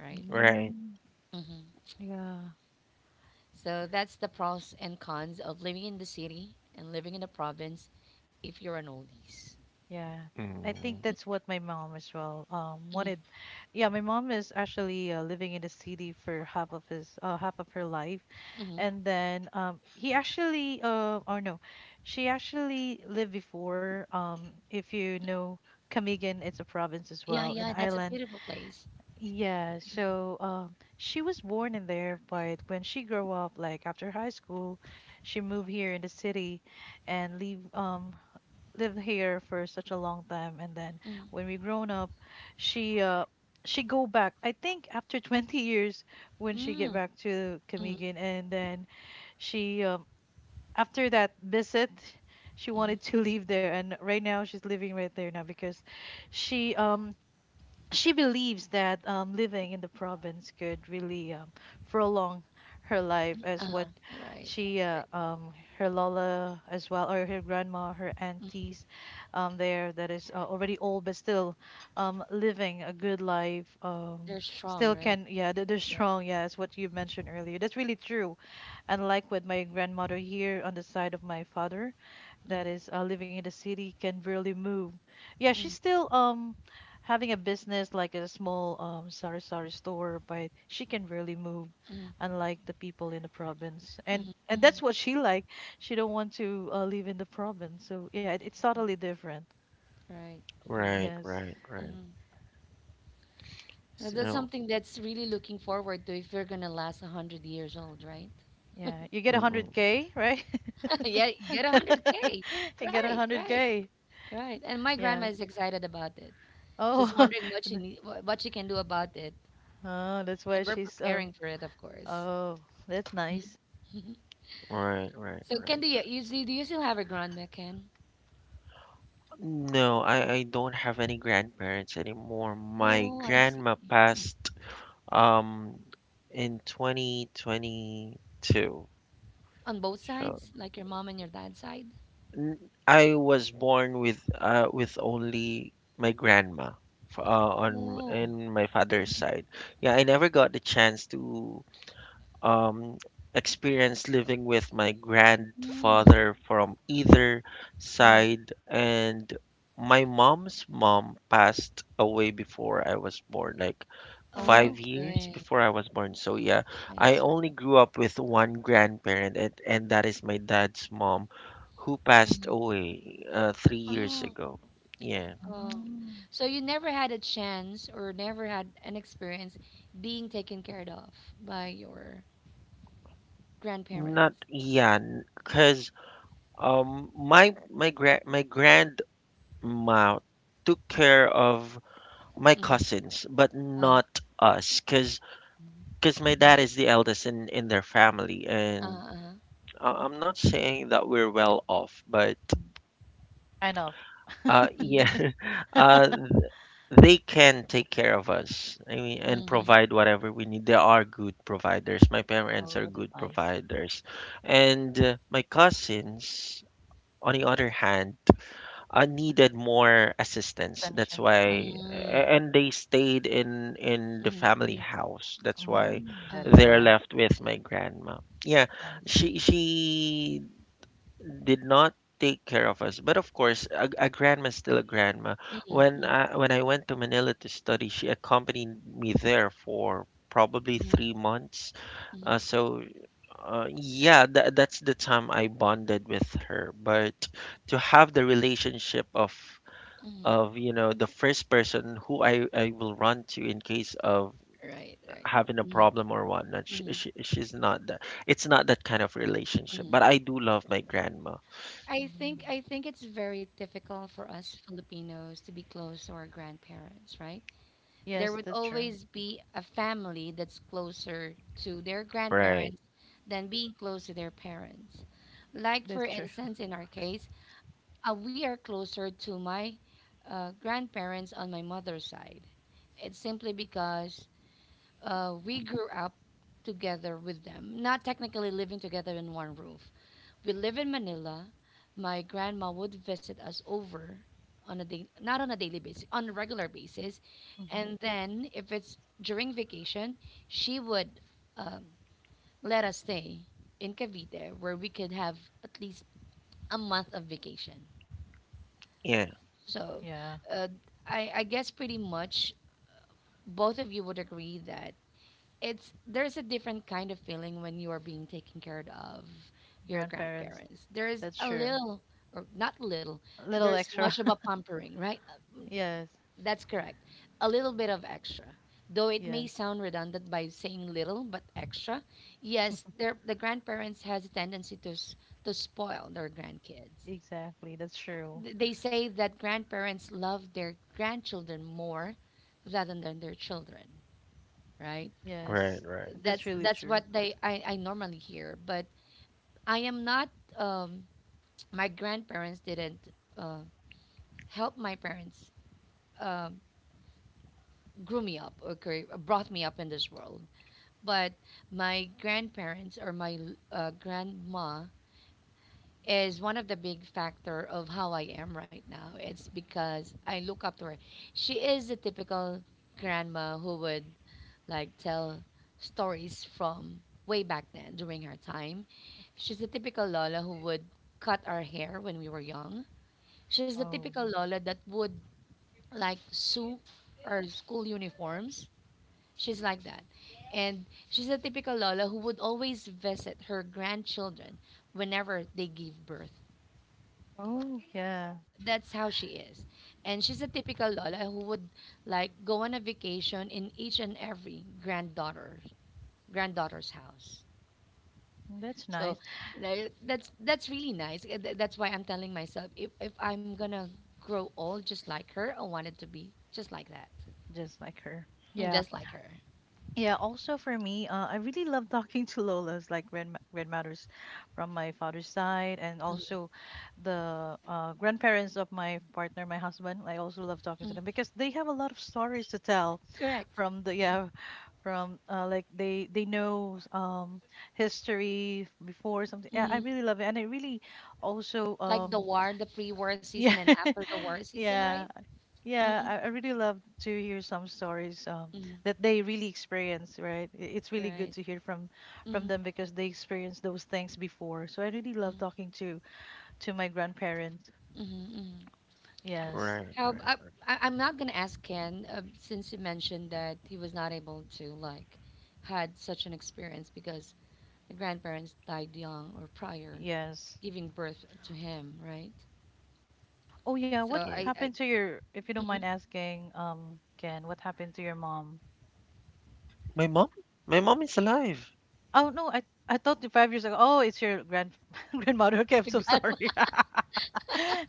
Speaker 2: right?
Speaker 1: Right.
Speaker 3: Mm,
Speaker 2: hmm
Speaker 3: yeah,
Speaker 2: So that's the pros and cons of living in the city and living in the province if you're an oldies.
Speaker 3: yeah. I think
Speaker 1: Mm.
Speaker 3: that's
Speaker 2: Mm.
Speaker 3: what my mom as well
Speaker 2: Mm-hmm.
Speaker 3: wanted. Yeah, my mom is actually living in the city for half of his half of her life, and
Speaker 2: Hmm.
Speaker 3: then he actually or no, she actually lived before if you know Camigan, it's a province as
Speaker 2: Yeah,
Speaker 3: well, an
Speaker 2: yeah, that's a
Speaker 3: island.
Speaker 2: beautiful place.
Speaker 3: Yeah, so she was born in there, but when she grew up, like after high school, she moved here in the city and leave lived here for such a long time. And then
Speaker 2: Mm-hmm.
Speaker 3: when we grown up, she uh she go back. I think after 20 years when she get
Speaker 2: Mm-hmm.
Speaker 3: back to Camiguin, and then she after that visit, she
Speaker 2: Mm-hmm.
Speaker 3: wanted to leave there, and right now she's living right there now because she um she believes that living in the province could really prolong her life as what
Speaker 2: Uh-huh. Right.
Speaker 3: she
Speaker 2: Great.
Speaker 3: her lola as well or her grandma her aunties there that is already old but still living a good life
Speaker 2: They're strong,
Speaker 3: still
Speaker 2: right?
Speaker 3: can yeah they're
Speaker 2: Yeah.
Speaker 3: strong yeah it's what you mentioned earlier that's really true and like with my grandmother here on the side of my father that
Speaker 2: Mm,
Speaker 3: is living in the city can really move. Yeah, she's
Speaker 2: mm,
Speaker 3: still having a business like a small sari sari store, but she can really move,
Speaker 2: mm,
Speaker 3: unlike the people in the province. And
Speaker 2: mm,
Speaker 3: and that's
Speaker 2: mm.
Speaker 3: what she like. She don't want to live in the province. So yeah, it, it's totally different.
Speaker 2: Right. Agree.
Speaker 1: Right.
Speaker 3: Yes.
Speaker 1: Right. Right.
Speaker 2: Mm. Now, that's
Speaker 1: So.
Speaker 2: something that's really looking forward to if you're gonna last 100 years old, right?
Speaker 3: Yeah, you get
Speaker 1: Mm-mm.
Speaker 3: 100K, right?
Speaker 2: Yeah, you get a hundred k.
Speaker 3: You get
Speaker 2: Right. Right.
Speaker 3: 100K.
Speaker 2: Right. And my
Speaker 3: Yes.
Speaker 2: grandma is excited about it. She's
Speaker 3: Oh,
Speaker 2: wondering what she
Speaker 3: th-
Speaker 2: need, what she can do about it,
Speaker 3: oh, that's why
Speaker 2: and we're
Speaker 3: she's
Speaker 2: preparing for it, of course.
Speaker 3: oh, that's
Speaker 2: Mhm.
Speaker 3: nice.
Speaker 2: Mhm.
Speaker 1: Right, right,
Speaker 2: So, Ken,
Speaker 1: right.
Speaker 2: you see, do you still have a grandma, Ken?
Speaker 1: No, I don't have any grandparents anymore. My
Speaker 2: Oh, I see.
Speaker 1: grandma passed um in 2022.
Speaker 2: On both
Speaker 1: So
Speaker 2: sides, like your mom and your dad's side.
Speaker 1: n- I was born with only my grandma f- uh, on
Speaker 2: Oh.
Speaker 1: in my father's side. Yeah, I never got the chance to um, experience living with my
Speaker 2: Mm,
Speaker 1: grandfather from either
Speaker 2: mm.
Speaker 1: side, and my mom's mom passed away before I was born, like five
Speaker 3: Oh.
Speaker 1: years
Speaker 2: Okay,
Speaker 1: before I was born. So yeah,
Speaker 2: I
Speaker 1: I
Speaker 2: see.
Speaker 1: only grew up with one grandparent, and that is my dad's mom, who passed
Speaker 2: Mm.
Speaker 1: away 3 years
Speaker 2: Oh,
Speaker 1: ago. Yeah,
Speaker 2: oh.
Speaker 3: Mm.
Speaker 2: So you never had a chance or never had an experience being taken care of by your
Speaker 1: not
Speaker 2: grandparents.
Speaker 1: yeah, because my grand my grand Ma took care of my
Speaker 2: Mm-hmm.
Speaker 1: cousins, but
Speaker 2: Uh,
Speaker 1: not us, cause
Speaker 3: Mhm.
Speaker 1: cause my dad
Speaker 2: mm-hmm.
Speaker 1: is the eldest in their family,
Speaker 2: Uh,
Speaker 1: and
Speaker 2: uh,
Speaker 1: I'm not saying that we're well off, but
Speaker 3: Kind of.
Speaker 1: uh, yeah,
Speaker 2: mm-hmm.
Speaker 1: uh, they can take care of us. I mean, and
Speaker 2: Mm-hmm.
Speaker 1: provide whatever we need. They are good providers. My parents are
Speaker 3: Oh, that's
Speaker 1: good
Speaker 3: nice.
Speaker 1: providers, and my cousins, on the other hand, needed more assistance. That's
Speaker 3: Attention.
Speaker 1: why,
Speaker 2: Mm-hmm.
Speaker 3: Necessary.
Speaker 1: and they stayed in the family
Speaker 2: Mm-hmm.
Speaker 1: house. That's why
Speaker 3: Mm, that is
Speaker 1: they're
Speaker 2: I
Speaker 3: why.
Speaker 1: left with
Speaker 2: see.
Speaker 1: my grandma. Yeah,
Speaker 2: I
Speaker 3: I see.
Speaker 1: she
Speaker 2: see.
Speaker 1: she did not take care of us, but of course, a grandma's still a grandma.
Speaker 2: Mm-hmm.
Speaker 1: When I went to Manila to study, she accompanied me there for probably
Speaker 2: Mm-hmm.
Speaker 1: 3 months. Uh, so yeah, that's the time I bonded with her. But to have the relationship of
Speaker 2: Mm-hmm.
Speaker 1: you know the first person who I will run to in case of
Speaker 2: Right, right.
Speaker 1: having a problem or whatnot.
Speaker 2: Mm-hmm.
Speaker 1: She's not that. It's not that kind of relationship. But I do love my grandma.
Speaker 3: Mm.
Speaker 2: I think it's very difficult for us Filipinos to be close to our grandparents, right? There
Speaker 3: Yes,
Speaker 2: would
Speaker 3: that's true.
Speaker 2: always be a family that's closer to their
Speaker 1: Right.
Speaker 2: grandparents than being close to their parents. Like for
Speaker 3: That's true.
Speaker 2: instance, in our case, we are closer to my grandparents on my mother's side. It's simply because we grew up together with them, not technically living together in one roof, we live in Manila. My grandma would visit us over on a day, not on a daily basis, on a regular basis.
Speaker 3: hmm
Speaker 2: And then if it's during vacation, she would um, let us stay in Cavite where we could have at least a month of vacation.
Speaker 1: Yeah.
Speaker 2: So
Speaker 3: Yeah.
Speaker 2: uh, I guess pretty much both of you would agree that it's there's a different kind of feeling when you are being taken care of your
Speaker 3: Grandparents.
Speaker 2: grandparents. There's
Speaker 3: That's
Speaker 2: a
Speaker 3: true.
Speaker 2: little or not little,
Speaker 3: A little
Speaker 2: there's much
Speaker 3: extra.
Speaker 2: of a pampering, right?
Speaker 3: Yes.
Speaker 2: That's correct. A little bit of extra. Though it may
Speaker 3: Yes.
Speaker 2: sound redundant by saying little but extra, yes, the grandparents has a tendency to to spoil their grandkids.
Speaker 3: Exactly. That's true.
Speaker 2: They say that grandparents love their grandchildren more rather than their children, right?
Speaker 1: Right.
Speaker 3: Yes.
Speaker 1: Right.
Speaker 3: That's really
Speaker 2: That's
Speaker 3: true.
Speaker 2: what they I normally hear but I am not um, my grandparents didn't uh, help my parents um, grew me up, okay, brought me up in this world, but my grandparents or my grandma is one of the big factor of how I am right now. It's because I look up to her. She is a typical grandma who would like tell stories from way back then during her time. She's the typical Lola who would cut our hair when we were young. She's the
Speaker 3: Oh.
Speaker 2: typical Lola that would like sew our school uniforms. She's like that. And she's a typical Lola who would always visit her grandchildren whenever they give birth.
Speaker 3: Oh, yeah.
Speaker 2: That's how she is. And she's a typical Lola who would like go on a vacation in each and every granddaughter's house.
Speaker 3: That's
Speaker 2: So
Speaker 3: nice.
Speaker 2: that's really nice. That's why I'm telling myself if I'm gonna grow old just like her, I wanted to be just like that.
Speaker 3: Just like her.
Speaker 2: Mm,
Speaker 3: Yeah.
Speaker 2: just like her.
Speaker 3: Yeah, also for me, I really love talking to Lolas, like grand ma- red from my father's side, and
Speaker 2: Mhm,
Speaker 3: also the grandparents of my partner, my husband. I also love talking
Speaker 2: mm.
Speaker 3: to them because they have a lot of stories to tell
Speaker 2: Correct.
Speaker 3: from the yeah, from like they know history before something. Yeah,
Speaker 2: Hmm.
Speaker 3: I really love it, and I really also
Speaker 2: Like the war, the pre-war season
Speaker 3: yeah
Speaker 2: and after the war season, right?
Speaker 3: yeah yeah,
Speaker 2: Hmm.
Speaker 3: I really love to hear some stories
Speaker 2: Hmm.
Speaker 3: that they really experience, right? It's really good
Speaker 2: Right.
Speaker 3: to hear from
Speaker 2: Hmm.
Speaker 3: them because they experienced those things before. So I really love
Speaker 2: Hmm.
Speaker 3: talking to my grandparents.
Speaker 2: Hmm. Hmm.
Speaker 3: Yes,
Speaker 1: Right.
Speaker 2: How
Speaker 1: Right.
Speaker 2: I'm not gonna ask Ken since he mentioned that he was not able to like had such an experience because the grandparents died young or prior
Speaker 3: yes.
Speaker 2: giving birth to him, right?
Speaker 3: Oh yeah,
Speaker 2: So
Speaker 3: what
Speaker 1: Yeah.
Speaker 2: I, I
Speaker 3: happened to your, if you don't mind
Speaker 2: Mhm.
Speaker 3: asking, Ken, what happened to your mom?
Speaker 1: My mom. My mom is alive
Speaker 3: Oh no, I thought the 5 years ago. Oh, it's your grand grandmother. Okay, I'm so
Speaker 2: Your grandma.
Speaker 3: sorry.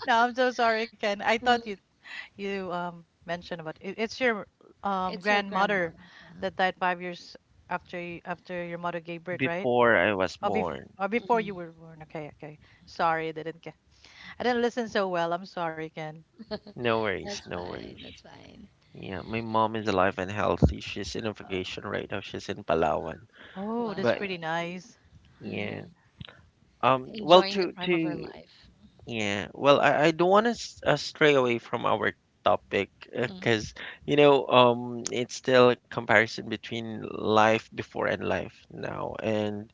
Speaker 3: No, I'm so sorry, Ken. I thought you
Speaker 2: Mhm.
Speaker 3: mentioned about it, it's your
Speaker 2: It's your grandma.
Speaker 3: grandmother
Speaker 2: Uh-huh.
Speaker 3: that died 5 years after you, after your mother gave birth, right?
Speaker 1: before I was
Speaker 3: Or,
Speaker 2: Mhm.
Speaker 1: born.
Speaker 3: or before you
Speaker 2: Mhm.
Speaker 3: were born. Okay, okay.
Speaker 2: Okay,
Speaker 3: Sorry, I didn't get. I didn't listen so well. I'm sorry, Ken.
Speaker 1: No worries.
Speaker 2: that's
Speaker 1: No
Speaker 2: fine.
Speaker 1: worries.
Speaker 2: That's fine.
Speaker 1: Yeah. My mom is alive and healthy. She's in a
Speaker 3: Uh,
Speaker 1: vacation right now. She's in Palawan.
Speaker 3: oh, that's
Speaker 1: But
Speaker 3: pretty
Speaker 2: Wow.
Speaker 3: nice.
Speaker 1: yeah.
Speaker 2: hmm
Speaker 1: Well,
Speaker 2: Enjoying the prime of her
Speaker 1: to
Speaker 2: life.
Speaker 1: Yeah, well, I don't want to stray away from our topic
Speaker 2: Hmm.
Speaker 1: because, you know, it's still a comparison between life before and life now. And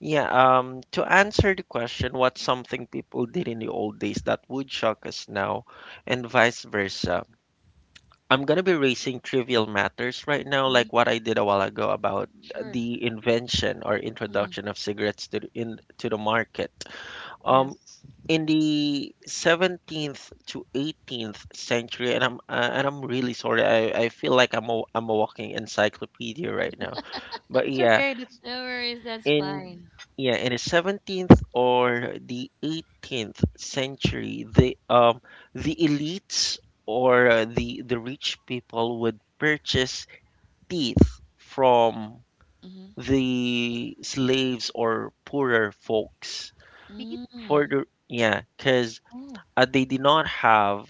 Speaker 1: yeah, to answer the question, what's something people did in the old days that would shock us now, and vice versa? I'm gonna be raising trivial matters right now,
Speaker 2: Hmm.
Speaker 1: like what I did a while ago about
Speaker 2: Sure.
Speaker 1: the invention or
Speaker 2: Hmm.
Speaker 1: introduction of cigarettes to to the market. Um,
Speaker 3: Yes,
Speaker 1: in the 17th to 18th century, and I'm really sorry, I feel like I'm a walking encyclopedia right now, but
Speaker 3: it's
Speaker 1: yeah,
Speaker 3: okay. That's
Speaker 2: No worries. That's
Speaker 1: in
Speaker 2: fine.
Speaker 1: yeah in the 17th or the 18th century, the elites or the rich people would purchase teeth from
Speaker 2: Hmm.
Speaker 1: the slaves or poorer folks
Speaker 3: teeth.
Speaker 1: for
Speaker 2: Mm-hmm.
Speaker 1: the, yeah, cuz
Speaker 3: Oh,
Speaker 1: they did not have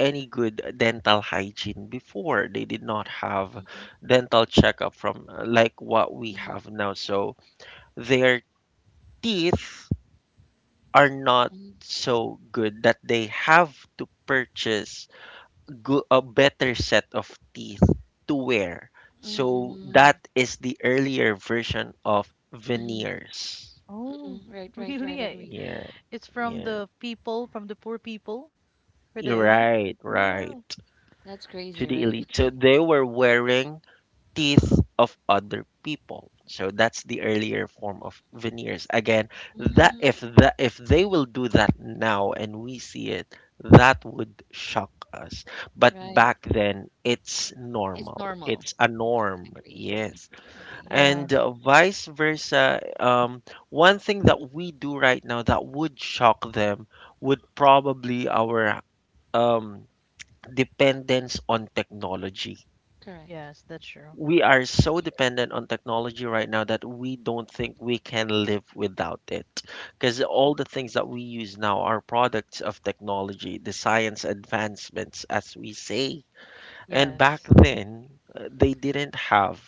Speaker 1: any good dental hygiene before. They did not have
Speaker 2: Mm-hmm.
Speaker 1: dental checkup from, like, what we have now, so their teeth are not
Speaker 2: Mm-hmm.
Speaker 1: so good that they have to purchase a better set of teeth to wear. So that is the earlier version of
Speaker 2: Mm-hmm.
Speaker 1: veneers.
Speaker 3: oh,
Speaker 2: Mm-hmm. Right. Right.
Speaker 3: really?
Speaker 2: Right.
Speaker 3: Eh,
Speaker 2: Agree.
Speaker 1: Yeah.
Speaker 3: it's from
Speaker 1: Yeah,
Speaker 3: the people, from the poor people, for the
Speaker 1: you're
Speaker 3: elite.
Speaker 1: right,
Speaker 3: Yeah,
Speaker 1: right,
Speaker 2: That's
Speaker 1: to
Speaker 2: crazy,
Speaker 1: the
Speaker 2: right?
Speaker 1: elite. So they were wearing teeth of other people. So that's the earlier form of veneers. Again,
Speaker 2: Mhm.
Speaker 1: that if they will do that now and we see it, that would shock us. But
Speaker 2: Right.
Speaker 1: back then, it's
Speaker 2: It's
Speaker 1: normal.
Speaker 2: normal.
Speaker 1: It's a
Speaker 2: Right.
Speaker 1: norm.
Speaker 2: Agree. Agree.
Speaker 1: Yes,
Speaker 2: Agree.
Speaker 3: yeah.
Speaker 1: and vice versa. One thing that we do right now that would shock them would probably our um dependence on technology.
Speaker 2: Correct.
Speaker 3: Yes, that's true.
Speaker 1: We are so
Speaker 2: Sure.
Speaker 1: dependent on technology right now that we don't think we can live without it, because all the things that we use now are products of technology, the science advancements, as we say. And back
Speaker 3: Yes.
Speaker 1: then, they didn't have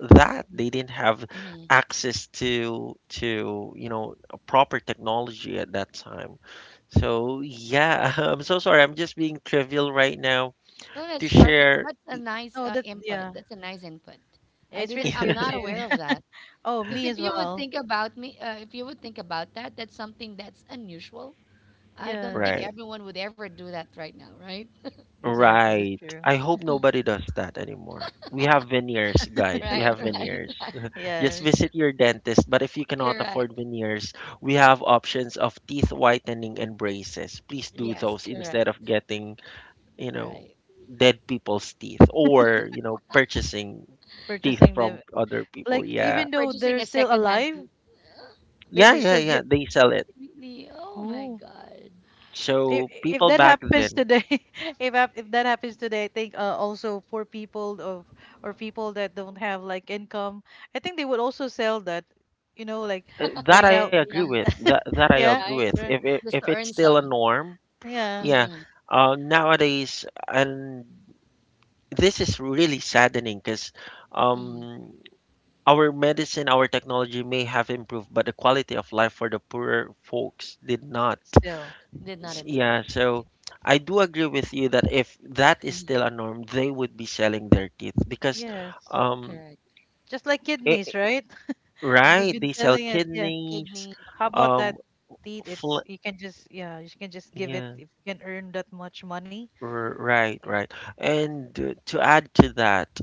Speaker 1: that they didn't have
Speaker 2: Mm-hmm.
Speaker 1: access to you know, a proper technology at that time. So yeah, I'm so sorry, I'm just being trivial right now
Speaker 2: Oh, that's
Speaker 1: to
Speaker 2: perfect.
Speaker 1: share.
Speaker 2: That's a nice
Speaker 3: Oh, that
Speaker 2: input.
Speaker 3: yeah.
Speaker 2: That's a nice input.
Speaker 3: Yeah,
Speaker 2: I
Speaker 3: it's
Speaker 2: didn't.
Speaker 3: really
Speaker 2: I'm
Speaker 3: good
Speaker 2: not
Speaker 3: too.
Speaker 2: aware of that.
Speaker 3: Oh,
Speaker 2: Because
Speaker 3: me
Speaker 2: if
Speaker 3: as
Speaker 2: you would
Speaker 3: well.
Speaker 2: think about me, if you would think about that, that's something that's unusual. I don't think
Speaker 1: Right.
Speaker 3: Yes,
Speaker 2: everyone would ever do that right now, right?
Speaker 3: exactly. That's
Speaker 1: Right.
Speaker 3: true.
Speaker 1: I hope nobody does that anymore. We have veneers, guys. We
Speaker 2: Right,
Speaker 1: have
Speaker 2: right,
Speaker 1: veneers.
Speaker 2: right.
Speaker 1: Just
Speaker 3: Yes,
Speaker 1: visit your dentist. But if you cannot afford
Speaker 2: Correct.
Speaker 1: veneers, we have options of teeth whitening and braces. Please do
Speaker 2: Yes,
Speaker 1: those instead
Speaker 2: correct.
Speaker 1: of getting, you
Speaker 2: Right.
Speaker 1: know, dead people's teeth or, you know, purchasing teeth
Speaker 3: purchasing
Speaker 1: from
Speaker 3: them.
Speaker 1: other people.
Speaker 3: Like
Speaker 1: Yeah.
Speaker 3: even though they're
Speaker 2: Purchasing a
Speaker 3: still
Speaker 2: secondhand
Speaker 3: alive,
Speaker 2: piece.
Speaker 3: they still
Speaker 1: Yeah,
Speaker 3: get.
Speaker 1: they sell it.
Speaker 2: Really? Oh my
Speaker 3: Oh,
Speaker 2: God.
Speaker 1: So
Speaker 3: if
Speaker 1: people
Speaker 3: that
Speaker 1: back
Speaker 3: happens
Speaker 1: then,
Speaker 3: today, if that happens today, I think also poor people of or people that don't have like income, I think they would also sell that. You know, like right now,
Speaker 2: Yeah.
Speaker 1: That that I
Speaker 3: yeah,
Speaker 1: agree with.
Speaker 2: Right.
Speaker 3: yeah,
Speaker 1: If it, if
Speaker 2: Just to
Speaker 1: it's
Speaker 2: earn
Speaker 1: still a
Speaker 2: some.
Speaker 1: norm,
Speaker 3: yeah.
Speaker 1: yeah,
Speaker 2: Mm-hmm.
Speaker 1: nowadays, and this is really saddening because,
Speaker 2: Mm-hmm.
Speaker 1: um, our medicine, our technology may have improved, but the quality of life for the poorer folks did not.
Speaker 3: Still,
Speaker 2: Did not
Speaker 1: Yeah,
Speaker 2: improve.
Speaker 1: so
Speaker 2: Right.
Speaker 1: I do agree with you that if that is
Speaker 2: Mm-hmm.
Speaker 1: still a norm, they would be selling their teeth because,
Speaker 3: yes.
Speaker 1: um,
Speaker 2: Correct.
Speaker 3: Just like kidneys,
Speaker 1: it,
Speaker 3: right? They've
Speaker 2: Mhm.
Speaker 1: right?
Speaker 3: been
Speaker 1: They sell
Speaker 3: selling it. Yeah.
Speaker 1: kidneys,
Speaker 2: Kidney,
Speaker 3: How about that
Speaker 1: um,
Speaker 3: teeth?
Speaker 1: fl
Speaker 3: It's you can just yeah, you can just give it
Speaker 1: yeah,
Speaker 3: if you can earn that much money.
Speaker 1: right,
Speaker 3: Yeah.
Speaker 1: right. And to add to that,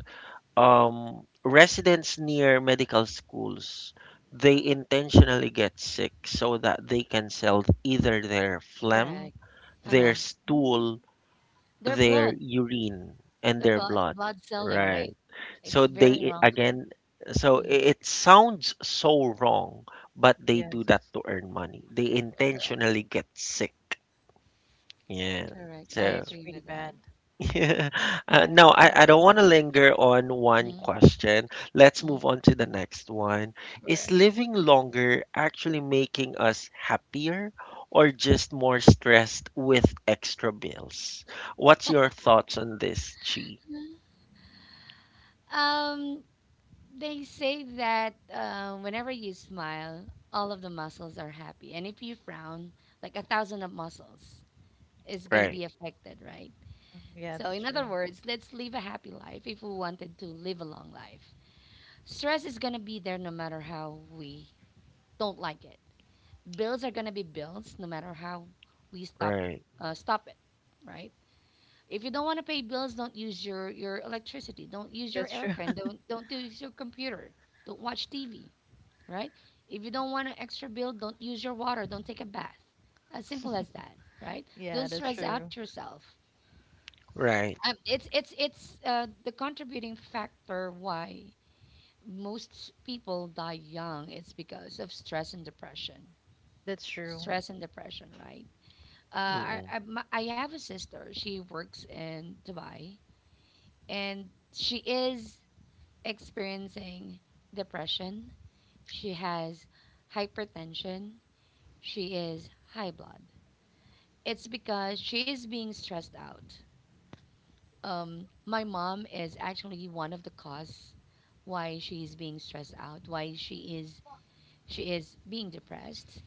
Speaker 1: residents near medical schools, they intentionally get sick so that they can sell either their phlegm,
Speaker 2: correct.
Speaker 1: their
Speaker 2: Uh-huh.
Speaker 3: Mm.
Speaker 1: stool,
Speaker 2: Their
Speaker 1: their
Speaker 2: blood,
Speaker 1: urine, and
Speaker 2: the
Speaker 1: their
Speaker 2: blood,
Speaker 1: blood.
Speaker 2: blood selling, right?
Speaker 1: Right.
Speaker 2: It's
Speaker 1: So
Speaker 2: very
Speaker 1: they,
Speaker 2: wrong fun.
Speaker 1: again, so
Speaker 2: Mm,
Speaker 1: it sounds so wrong, but they do
Speaker 3: Yes.
Speaker 1: that to earn money. They
Speaker 2: correct,
Speaker 1: intentionally get sick. Yeah.
Speaker 2: correct. I
Speaker 1: So
Speaker 3: That's
Speaker 2: agree
Speaker 3: pretty
Speaker 2: with that.
Speaker 3: bad.
Speaker 1: yeah.
Speaker 3: Yeah.
Speaker 1: No, I don't want to linger on one
Speaker 2: Mm-hmm.
Speaker 1: question. Let's move on to the next one. Is
Speaker 2: Sure.
Speaker 1: living longer actually making us happier or just more stressed with extra bills? What's your thoughts on this, Chi?
Speaker 2: Um, they say that whenever you smile, all of the muscles are happy, and if you frown, like a thousand of muscles is gonna
Speaker 1: Right,
Speaker 2: be affected, right?
Speaker 3: Mm. Yeah,
Speaker 2: So,
Speaker 3: that's
Speaker 2: in
Speaker 3: true.
Speaker 2: other words, let's live a happy life if we wanted to live a long life. Stress is gonna be there no matter how we don't like it. Bills are gonna be bills, no matter how we stop
Speaker 1: right,
Speaker 2: uh, stop it, right? If you don't want to pay bills, don't use your electricity, don't use your
Speaker 3: That's true.
Speaker 2: aircon, don't use your computer, don't watch TV, right? If you don't want an extra bill, don't use your water, don't take a bath. As simple as that, right?
Speaker 3: Yeah,
Speaker 2: Don't
Speaker 3: that's
Speaker 2: stress
Speaker 3: true.
Speaker 2: out yourself.
Speaker 1: right.
Speaker 2: It's the contributing factor why most people die young. It's because of stress and depression.
Speaker 3: That's true.
Speaker 2: Stress and depression, right? Uh, I,
Speaker 1: Mm-mm,
Speaker 2: I, my- I have a sister. She works in Dubai and she is experiencing depression. She has hypertension. She is high blood. It's because she is being stressed out. My mom is actually one of the cause why she is being stressed out, why she is being depressed.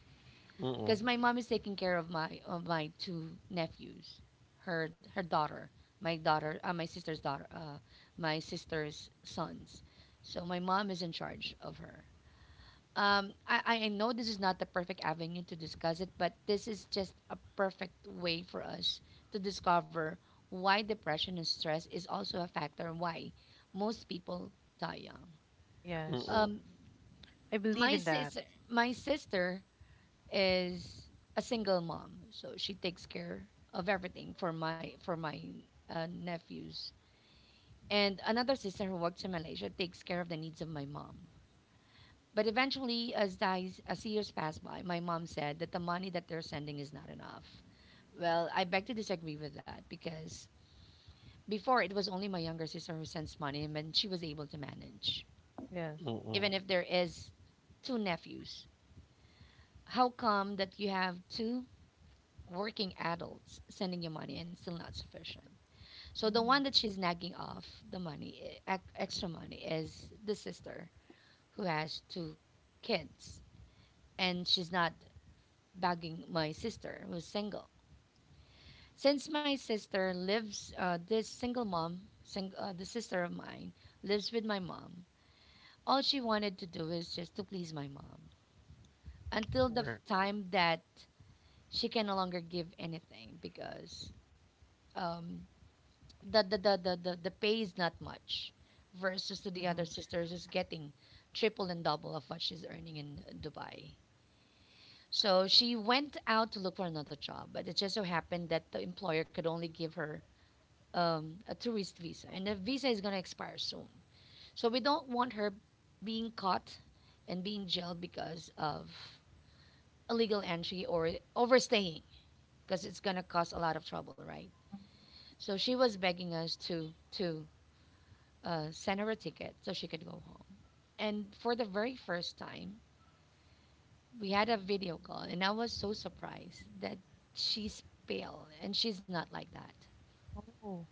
Speaker 1: mm-mm,
Speaker 2: Because my mom is taking care of my two nephews, her daughter, my sister's daughter, my sister's sons. So my mom is in charge of her. I know this is not the perfect avenue to discuss it, but this is just a perfect way for us to discover why depression and stress is also a factor why most people die young.
Speaker 3: Yes.
Speaker 1: mm-mm,
Speaker 2: Um,
Speaker 3: I believe
Speaker 2: my
Speaker 3: in that.
Speaker 2: sister, my sister is a single mom, so she takes care of everything for my nephews. And another sister who works in Malaysia takes care of the needs of my mom. But eventually, as years pass by, my mom said that the money that they're sending is not enough. Well, I beg to disagree with that because before it was only my younger sister who sends money, and then she was able to manage,
Speaker 3: Yes.
Speaker 1: mm-mm,
Speaker 2: even if there is two nephews. How come that you have two working adults sending you money and still not sufficient. So the one
Speaker 3: Mm.
Speaker 2: that she's nagging off the money, extra money, is the sister who has two kids, and she's not bagging my sister who's single. Since my sister lives, this single mom, the sister of mine, lives with my mom. All she wanted to do is just to please my mom until the
Speaker 1: right,
Speaker 2: time that she can no longer give anything because um, the pay is not much versus to the
Speaker 3: Mm-hmm.
Speaker 2: other sisters who's getting triple and double of what she's earning in Dubai. So she went out to look for another job, but it just so happened that the employer could only give her a tourist visa, and the visa is going to expire soon. So we don't want her being caught and being jailed because of illegal entry or overstaying, because it's going to cause a lot of trouble, right? So she was begging us to sent her a ticket so she could go home. And for the very first time, we had a video call, and I was so surprised that she's pale, and she's not like that.
Speaker 3: Oh,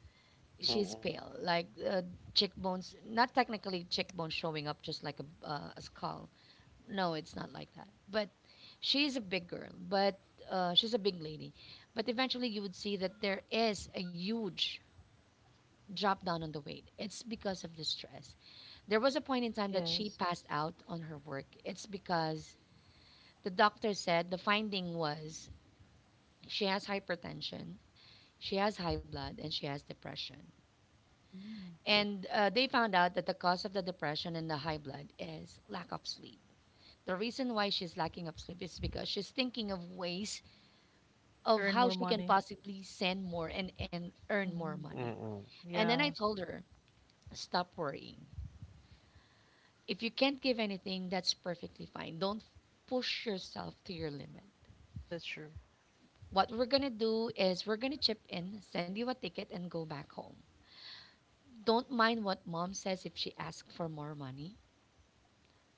Speaker 2: She's
Speaker 1: mm-mm,
Speaker 2: pale, like cheekbones, not technically cheekbones showing up just like a skull. No, it's not like that. But she's a big girl, but she's a big lady. But eventually, you would see that there is a huge dropped down on the weight. It's because of the stress. There was a point in time that she
Speaker 3: yes.
Speaker 2: passed out on her work. It's because the doctor said the finding was she has hypertension, she has high blood, and she has depression.
Speaker 3: Mm.
Speaker 2: And they found out that the cause of the depression and the high blood is lack of sleep. The reason why she's lacking of sleep is because she's thinking of ways
Speaker 3: To
Speaker 2: of
Speaker 3: earn
Speaker 2: how
Speaker 3: more
Speaker 2: she can
Speaker 3: money.
Speaker 2: possibly send more and earn more
Speaker 3: Mm.
Speaker 2: money.
Speaker 1: mm-mm,
Speaker 2: And then I
Speaker 3: Yeah,
Speaker 2: told her, stop worrying. If you can't give anything, that's perfectly fine. Don't push yourself to your limit.
Speaker 3: that's true.
Speaker 2: What we're going to do is we're going to chip in, send you a ticket, and go back home. Don't mind what mom says if she asks for more money.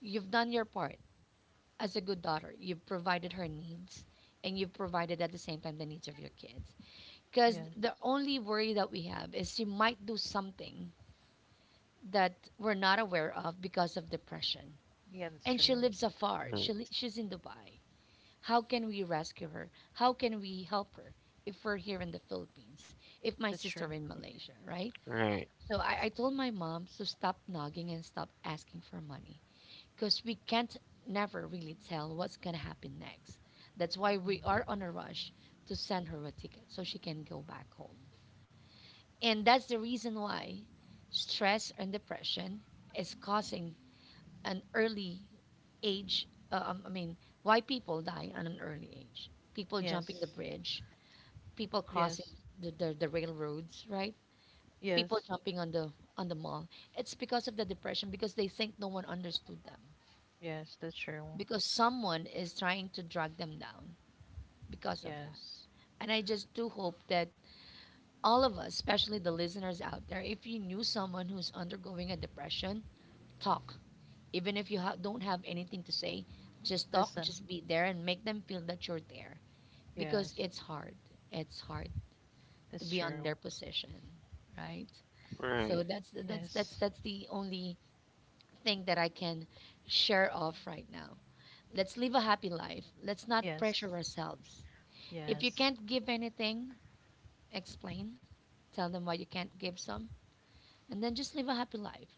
Speaker 2: You've done your part as a good daughter. You've provided her needs, and you've provided at the same time the needs of your kids. Because the
Speaker 3: Yes.
Speaker 2: only worry that we have is she might do something that we're not aware of because of depression.
Speaker 3: Yeah, that's
Speaker 2: And she
Speaker 3: true.
Speaker 2: lives afar.
Speaker 1: right,
Speaker 2: She's in Dubai. How can we rescue her? How can we help her if we're here in the Philippines? If my
Speaker 3: That's true.
Speaker 2: sister in Malaysia, right?
Speaker 1: right,
Speaker 2: So I told my mom to stop nagging and stop asking for money because we can't never really tell what's gonna happen next. That's why we
Speaker 3: Mm.
Speaker 2: are on a rush to send her a ticket so she can go back home. And that's the reason why stress and depression is causing an early age. I mean, why people die at an early age? People jumping the
Speaker 3: Yes.
Speaker 2: bridge, people crossing
Speaker 3: Yes.
Speaker 2: the railroads, right? People
Speaker 3: Yes.
Speaker 2: jumping on the mall. It's because of the depression because they think no one understood them
Speaker 3: Yes, that's true.
Speaker 2: because someone is trying to drag them down because of that.
Speaker 3: Yes.
Speaker 2: And I just do hope that all of us, especially the listeners out there, if you knew someone who's undergoing a depression, talk. Even if you don't have anything to say, just talk,
Speaker 3: Listen.
Speaker 2: just be there and make them feel that you're there because
Speaker 3: Yes,
Speaker 2: it's hard. It's hard to
Speaker 3: that's
Speaker 2: be on their
Speaker 3: true.
Speaker 2: position, right? So
Speaker 1: right,
Speaker 2: that's that's that's
Speaker 3: Yes.
Speaker 2: that's the only thing that I can share of right now. Let's live a happy life. Let's not pressure
Speaker 3: Yes.
Speaker 2: ourselves. If you
Speaker 3: Yes.
Speaker 2: can't give anything, explain. Tell them why you can't give some and then just live a happy life.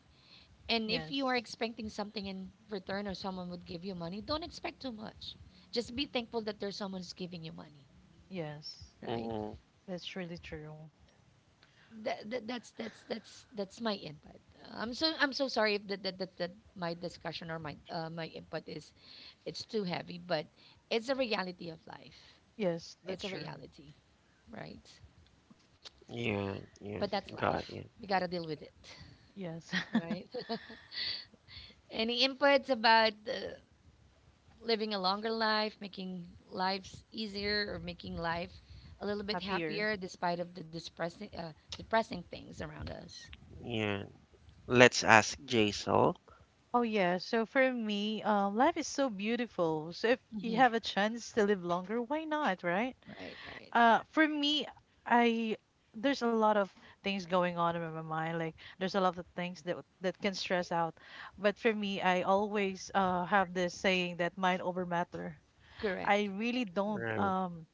Speaker 2: And if you are
Speaker 3: Yes.
Speaker 2: expecting something in return or someone would give you money, don't expect too much. Just be thankful that there's someone who's giving you money,
Speaker 3: Yes.
Speaker 2: right?
Speaker 1: mm-mm.
Speaker 3: That's really true.
Speaker 2: That's my input. I'm so sorry if that my discussion or my input is it's too heavy, but it's a reality of life.
Speaker 3: Yes, that's
Speaker 2: It's a
Speaker 3: true.
Speaker 2: reality, right?
Speaker 1: Yeah, yeah,
Speaker 2: But that's
Speaker 1: got
Speaker 2: life.
Speaker 1: you.
Speaker 2: We gotta deal with it,
Speaker 3: Yes.
Speaker 2: right? Any inputs about living a longer life, making lives easier, or making life a little bit
Speaker 3: Happier.
Speaker 2: happier despite of the depressing things around us.
Speaker 1: Yeah. Let's ask Jaisal.
Speaker 3: Oh yeah, so for me, life is so beautiful. So if you
Speaker 2: Hmm.
Speaker 3: have a chance to live longer, why not, right?
Speaker 2: Right, right,
Speaker 3: For me, I there's a lot of things going on in my mind. Like there's a lot of things that that can stress out. But for me, I always have this saying that mind over matter. I
Speaker 2: correct,
Speaker 3: really don't
Speaker 1: Right.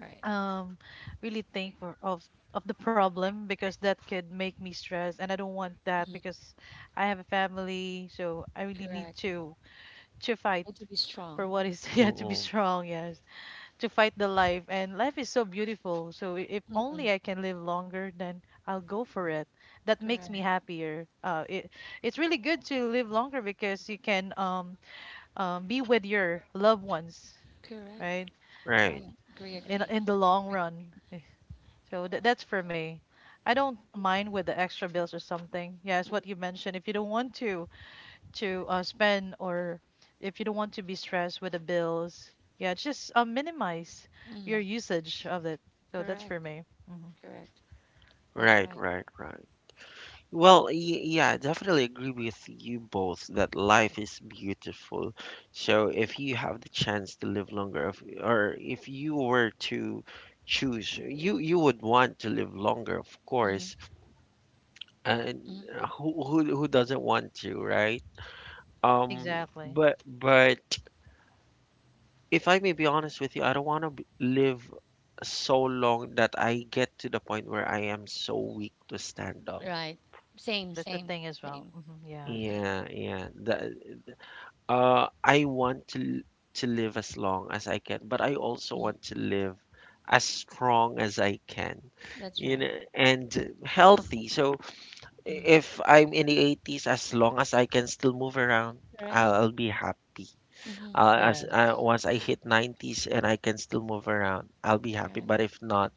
Speaker 2: right,
Speaker 3: um really think for, of the problem because that could make me stressed, and I don't want that
Speaker 2: Mhm.
Speaker 3: because I have a family, so I really need
Speaker 2: Correct.
Speaker 3: to fight
Speaker 2: Need to be strong.
Speaker 3: for what is yeah to be
Speaker 1: Mm-mm.
Speaker 3: strong. Yes to fight the life and life is so beautiful so if
Speaker 2: Hmm.
Speaker 3: only I can live longer then I'll go for it that makes
Speaker 2: Correct,
Speaker 3: me happier it it's really good to live longer because you can be with your loved ones
Speaker 2: correct,
Speaker 3: right
Speaker 1: Right.
Speaker 2: right. Agree, agree,
Speaker 3: in the long
Speaker 2: agree.
Speaker 3: run Eh, so that's for me I don't mind with the extra bills or something yes what you mentioned if you don't want to spend or if you don't want to be stressed with the bills, yeah, just minimize
Speaker 2: Hmm.
Speaker 3: your usage of it. So that's for
Speaker 2: Correct,
Speaker 3: me. Hmm
Speaker 2: correct. That's
Speaker 1: Right,
Speaker 2: right.
Speaker 1: right, right. Well, yeah, I definitely agree with you both that life is beautiful. So if you have the chance to live longer, if, or if you were to choose, you would want to live longer, of
Speaker 2: Hmm.
Speaker 1: course.
Speaker 2: Hmm.
Speaker 1: And who doesn't want to, right?
Speaker 3: Exactly.
Speaker 1: But if I may be honest with you, I don't want to live so long that I get to the point where I am so weak to stand up.
Speaker 2: Right. Same,
Speaker 3: That's the
Speaker 2: same,
Speaker 3: thing as well.
Speaker 2: same,
Speaker 3: Hmm Yeah.
Speaker 2: same.
Speaker 1: Yeah, yeah. I want to live as long as I can, but I also
Speaker 2: Mhm.
Speaker 1: want to live as strong as I can,
Speaker 2: That's
Speaker 1: you
Speaker 2: right.
Speaker 1: know, and healthy. So
Speaker 2: Hmm.
Speaker 1: if I'm in the 80s, as long as I can still move around,
Speaker 2: Correct.
Speaker 1: I'll be happy.
Speaker 2: Hmm.
Speaker 1: As
Speaker 3: Yes.
Speaker 1: Once I hit 90s and I can still move around, I'll be happy.
Speaker 2: Right.
Speaker 1: But if not,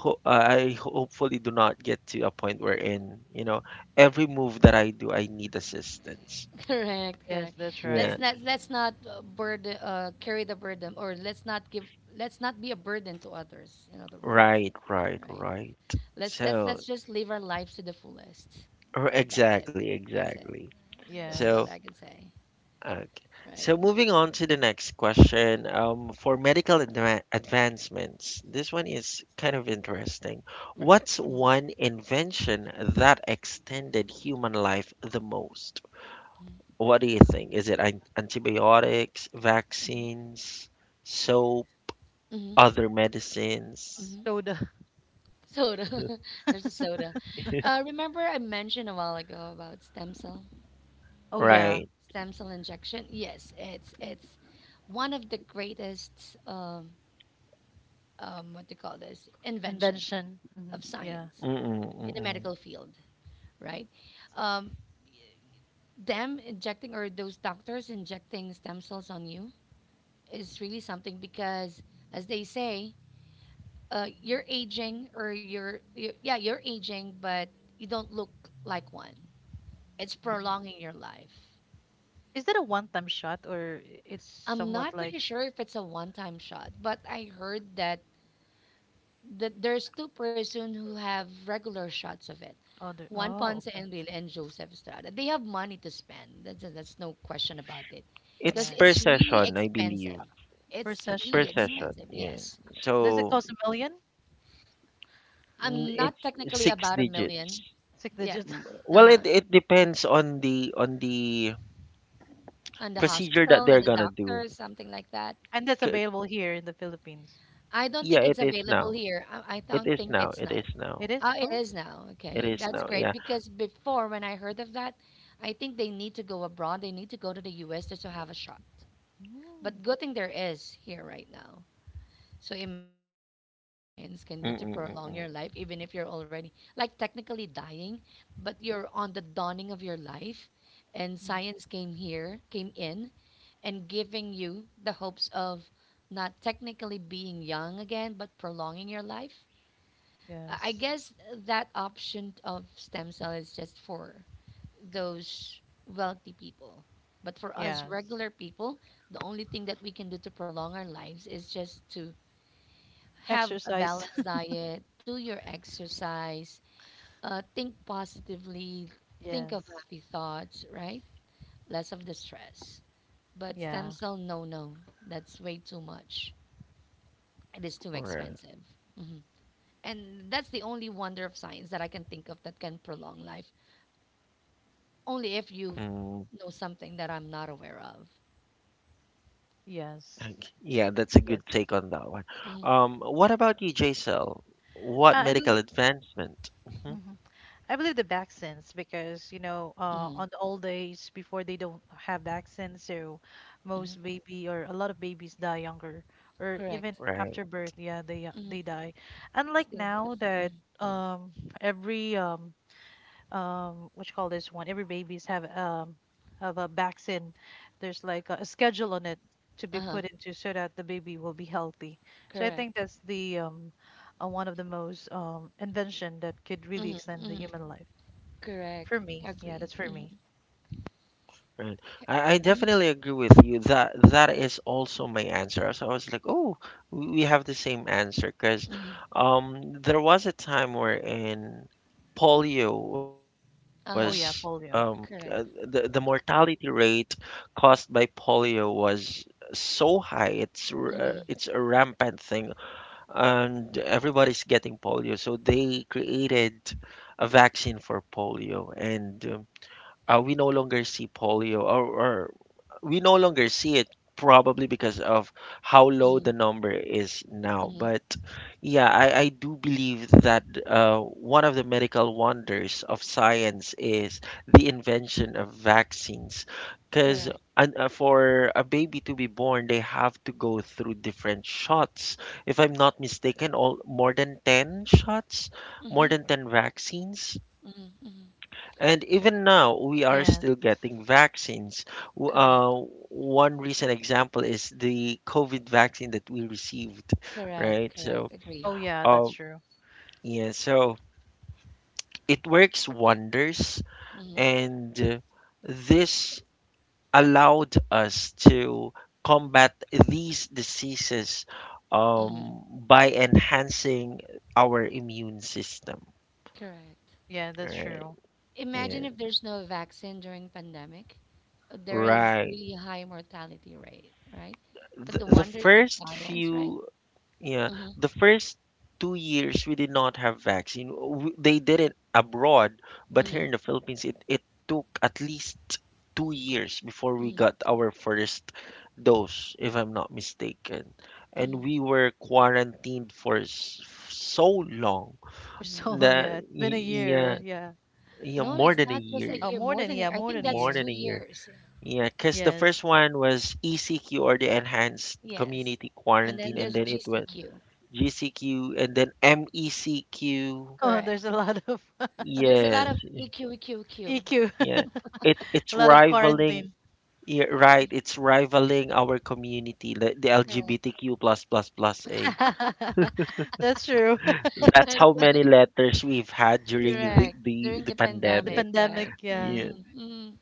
Speaker 1: I hopefully do not get to a point wherein, you know, every move that I do, I need assistance.
Speaker 2: Correct, correct.
Speaker 3: Yes, that's
Speaker 1: Yeah,
Speaker 2: Let's
Speaker 3: right.
Speaker 2: not let's not burden carry the burden, or let's not be a burden to others. In other words,
Speaker 1: right, right,
Speaker 2: right?
Speaker 1: right.
Speaker 2: Let's let's
Speaker 1: So,
Speaker 2: let's just live our lives to the fullest.
Speaker 1: or
Speaker 2: That's it.
Speaker 1: exactly,
Speaker 2: That's it.
Speaker 1: exactly.
Speaker 2: That's
Speaker 1: So,
Speaker 2: what I
Speaker 3: Yes.
Speaker 2: can say.
Speaker 1: okay. So
Speaker 2: Right.
Speaker 1: moving on to the next question, for medical advancements, this one is kind of interesting.
Speaker 2: Right.
Speaker 1: What's
Speaker 2: Mm-hmm.
Speaker 1: one invention that extended human life the most? What do you think? Is it antibiotics, vaccines, soap,
Speaker 2: Mm-hmm.
Speaker 1: other medicines?
Speaker 2: Mm-hmm.
Speaker 3: Soda.
Speaker 2: Soda. There's a soda. Remember I mentioned a while ago about stem cell
Speaker 3: Oh yeah.
Speaker 1: Right.
Speaker 2: stem cell injection. Yes, it's one of the greatest what to call this invention
Speaker 3: Invention. Hmm
Speaker 2: of
Speaker 3: Yeah.
Speaker 2: science
Speaker 1: Mm-mm,
Speaker 2: in the
Speaker 1: mm-mm.
Speaker 2: medical field, right? Um, Them injecting or those doctors injecting stem cells on you is really something because, as they say, you're aging or you're aging, but you don't look like one. It's
Speaker 3: hmm
Speaker 2: prolonging your life.
Speaker 3: Is that a one-time shot or it's
Speaker 2: I'm not
Speaker 3: somewhat
Speaker 2: pretty
Speaker 3: like
Speaker 2: sure if it's a one-time shot, but I heard that there's two-person who have regular shots of it.
Speaker 3: other?
Speaker 2: Juan Ponce
Speaker 3: Oh, okay.
Speaker 2: Enrile and Joseph Estrada. They have money to spend. That's no question about it.
Speaker 1: It's
Speaker 2: Because
Speaker 3: Yeah.
Speaker 1: per
Speaker 2: it's really
Speaker 3: Uh,
Speaker 1: session, I believe.
Speaker 2: expensive.
Speaker 3: per
Speaker 2: It's
Speaker 1: It's per
Speaker 2: really
Speaker 3: session. Mm.
Speaker 1: session.
Speaker 2: expensive,
Speaker 1: Yeah.
Speaker 2: yes.
Speaker 3: Does it
Speaker 1: So
Speaker 3: cost a million?
Speaker 1: mm,
Speaker 2: I'm not
Speaker 1: it's
Speaker 2: technically
Speaker 1: six
Speaker 2: about a
Speaker 1: digits.
Speaker 2: million.
Speaker 3: Six
Speaker 2: Yep.
Speaker 3: digits.
Speaker 1: Well,
Speaker 2: Uh-huh.
Speaker 1: it depends on the
Speaker 2: On the
Speaker 1: procedure that
Speaker 2: hospital,
Speaker 1: they're
Speaker 2: and the
Speaker 1: gonna do.
Speaker 2: doctor, something like that.
Speaker 3: And that's
Speaker 1: C-
Speaker 3: available here in the Philippines.
Speaker 2: I don't
Speaker 1: Yeah,
Speaker 2: think
Speaker 1: it
Speaker 2: it's
Speaker 1: is
Speaker 2: available
Speaker 1: now.
Speaker 2: here. I
Speaker 1: It
Speaker 2: don't
Speaker 1: is
Speaker 2: think
Speaker 1: now.
Speaker 2: it's
Speaker 1: It
Speaker 2: not.
Speaker 1: is
Speaker 3: It
Speaker 1: now.
Speaker 3: is?
Speaker 2: Oh, it
Speaker 3: Oh,
Speaker 2: is now.
Speaker 1: It
Speaker 2: Okay.
Speaker 1: is
Speaker 2: That's
Speaker 1: now.
Speaker 3: okay.
Speaker 2: great.
Speaker 1: Yeah.
Speaker 2: Because before, when I heard of that, I think they need to go abroad. They need to go to the US just to have a shot. But
Speaker 3: Mm.
Speaker 2: good thing there is here right now. So imagine the wonders that science can do to prolong your
Speaker 1: Mm-mm-mm-mm.
Speaker 2: life, even if you're already like technically dying, but you're on the dawning of your life, and
Speaker 3: Mhm.
Speaker 2: science came here, came in, and giving you the hopes of not technically being young again, but prolonging your life. I
Speaker 3: Yes.
Speaker 2: guess that option of stem cell is just for those wealthy people. But for us
Speaker 3: Yes.
Speaker 2: regular people, the only thing that we can do to prolong our lives is just to have a
Speaker 3: Exercise.
Speaker 2: balanced diet, do your exercise, think positively, think of
Speaker 3: Yes.
Speaker 2: happy thoughts, right? Less of the stress. But
Speaker 3: Yeah.
Speaker 2: stem cell, no, no, that's way too much. It is too
Speaker 1: All right.
Speaker 2: expensive. hmm And that's the only wonder of science that I can think of that can prolong life, only if
Speaker 1: Mm.
Speaker 2: you know something that I'm not aware of.
Speaker 1: Okay.
Speaker 3: Yes.
Speaker 1: Yeah, that's a good
Speaker 3: Yes.
Speaker 1: take on that one.
Speaker 2: hmm
Speaker 1: What about you, Jaisal? What
Speaker 3: I
Speaker 1: medical
Speaker 3: believe
Speaker 1: advancement? Mhm.
Speaker 3: Mhm. I believe the vaccines because you know
Speaker 2: hmm
Speaker 3: on the old days before they don't have vaccines, so
Speaker 2: hmm
Speaker 3: most baby or a lot of babies die younger or even
Speaker 2: Correct.
Speaker 3: after
Speaker 1: Right,
Speaker 3: birth. Yeah,
Speaker 2: hmm
Speaker 3: they die. Unlike now
Speaker 2: Stillbirth.
Speaker 3: that every what you call this one every babies have a vaccine there's like a schedule on it to be
Speaker 2: Uh huh.
Speaker 3: put into so that the baby will be healthy so I think
Speaker 2: Correct.
Speaker 3: that's the one of the most invention that could really
Speaker 2: hmm
Speaker 3: extend the
Speaker 2: hmm
Speaker 3: human life
Speaker 2: Correct.
Speaker 3: for me yeah
Speaker 2: Agree.
Speaker 3: that's for me
Speaker 2: Mhm.
Speaker 1: right. I definitely agree with you. That that is also my answer. So I was like, oh, we have the same answer because,
Speaker 2: Mm-hmm.
Speaker 1: there was a time wherein polio was,
Speaker 3: oh
Speaker 2: Uh-huh.
Speaker 3: yeah polio
Speaker 1: the
Speaker 2: Correct.
Speaker 1: mortality rate caused by polio was so high. It's a
Speaker 2: Mm-hmm.
Speaker 1: rampant thing, and everybody's getting polio. So they created a vaccine for polio, and, we no longer see polio, or we no longer see it probably because of how
Speaker 2: Mm-hmm.
Speaker 1: low the number is now.
Speaker 2: Mm-hmm.
Speaker 1: But yeah, I do believe that, one of the medical wonders of science is the invention of vaccines, because
Speaker 2: Correct.
Speaker 1: for a baby to be born, they have to go through different shots. If I'm not mistaken, all more than 10 shots,
Speaker 2: Mm-hmm.
Speaker 1: more than 10 vaccines.
Speaker 2: Mm-hmm. Mm-hmm.
Speaker 1: And even now, we are
Speaker 3: yeah
Speaker 1: still getting vaccines.
Speaker 2: Correct.
Speaker 1: One recent example is the COVID vaccine that we received,
Speaker 2: Correct.
Speaker 1: right?
Speaker 2: Correct.
Speaker 1: So,
Speaker 2: Agree.
Speaker 3: oh
Speaker 1: um, yeah, so it works wonders,
Speaker 2: Mm-hmm.
Speaker 1: and this allowed us to combat these diseases,
Speaker 2: Mm-hmm.
Speaker 1: by enhancing our immune system,
Speaker 2: Correct.
Speaker 3: yeah that's
Speaker 1: right?
Speaker 3: true
Speaker 1: Yeah,
Speaker 2: Imagine if there's no vaccine during pandemic. There is
Speaker 1: right.
Speaker 2: really high mortality rate, right? But the
Speaker 1: The
Speaker 2: wonders of
Speaker 1: first
Speaker 2: science, right?
Speaker 1: few Yeah,
Speaker 2: Mm-hmm.
Speaker 1: the first 2 years we did not have vaccine. They did it abroad, but here
Speaker 2: Mm-hmm.
Speaker 1: in the Philippines, it took at least 2 years before we
Speaker 2: Mm-hmm.
Speaker 1: got our first dose, if I'm not mistaken. And
Speaker 2: Mm-hmm.
Speaker 1: we were quarantined for so long
Speaker 3: for so
Speaker 2: Mm-hmm.
Speaker 3: long
Speaker 1: that,
Speaker 3: yeah it's been a year
Speaker 1: yeah,
Speaker 2: Correct.
Speaker 3: yeah
Speaker 1: yeah,
Speaker 2: No,
Speaker 1: more
Speaker 2: it's
Speaker 1: than a
Speaker 2: not just a
Speaker 1: year,
Speaker 3: oh
Speaker 2: year,
Speaker 3: more
Speaker 2: more
Speaker 3: than
Speaker 2: than
Speaker 3: yeah
Speaker 2: a, I
Speaker 3: more
Speaker 2: think
Speaker 3: than a
Speaker 2: that's
Speaker 1: more
Speaker 3: year
Speaker 1: than
Speaker 2: two
Speaker 1: a year.
Speaker 2: years.
Speaker 1: Yeah, because the
Speaker 3: yes
Speaker 1: first one was ECQ, or the enhanced
Speaker 2: Yes.
Speaker 1: community
Speaker 2: And
Speaker 1: quarantine,
Speaker 2: then
Speaker 1: and
Speaker 2: there's
Speaker 1: then it went
Speaker 2: GCQ.
Speaker 1: GCQ, and then MECQ.
Speaker 3: oh
Speaker 2: Correct.
Speaker 3: there's a lot of
Speaker 2: There's a
Speaker 1: Yes,
Speaker 2: lot of EQQQ.
Speaker 3: eq
Speaker 1: yeah. It it's
Speaker 3: a lot of
Speaker 1: rivaling
Speaker 3: quarantine
Speaker 1: Yeah, right, it's rivaling our community, the
Speaker 2: Correct.
Speaker 1: LGBTQ plus plus plus A.
Speaker 3: That's true.
Speaker 1: That's
Speaker 2: That's
Speaker 1: how
Speaker 2: right.
Speaker 1: many letters we've had during
Speaker 2: Correct. During
Speaker 1: the
Speaker 2: the
Speaker 3: The
Speaker 1: pandemic.
Speaker 2: pandemic,
Speaker 3: pandemic,
Speaker 2: right?
Speaker 3: yeah,
Speaker 1: Yeah.
Speaker 2: Mm, mm,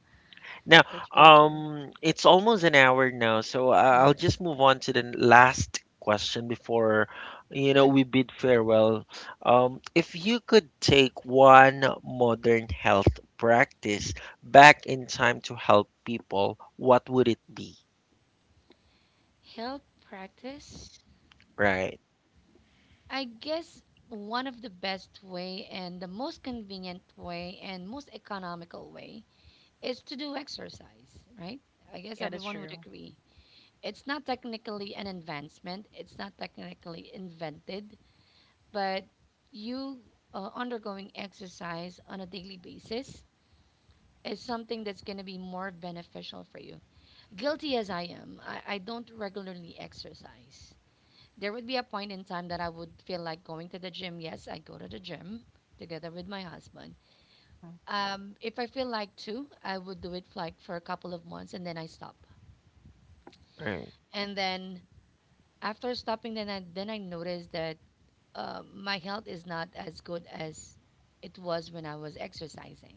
Speaker 1: Now,
Speaker 3: that's really true.
Speaker 1: it's almost an hour now, so I'll
Speaker 2: mm.
Speaker 1: just move on to the last question before, you know, we
Speaker 2: Sure.
Speaker 1: bid farewell. If you could take one modern health practice back in time to help people, what would it be?
Speaker 2: Health practice.
Speaker 1: Right,
Speaker 2: I guess one of the best way and the most convenient way and most economical way is to do exercise, right? I guess
Speaker 3: Yeah, that's
Speaker 2: everyone would
Speaker 3: true.
Speaker 2: agree. It's not technically an advancement, it's not technically invented, but you undergoing exercise on a daily basis is something that's going to be more beneficial for you. Guilty as I am, I don't regularly exercise. There would be a point in time that I would feel like going to the gym. Yes, I go to the gym together with my husband.
Speaker 3: Mm.
Speaker 2: If I feel like to, I would do it for like for a couple of months and then I stop.
Speaker 1: right,
Speaker 2: And then after stopping, then I noticed that my health is not as good as it was when I was exercising.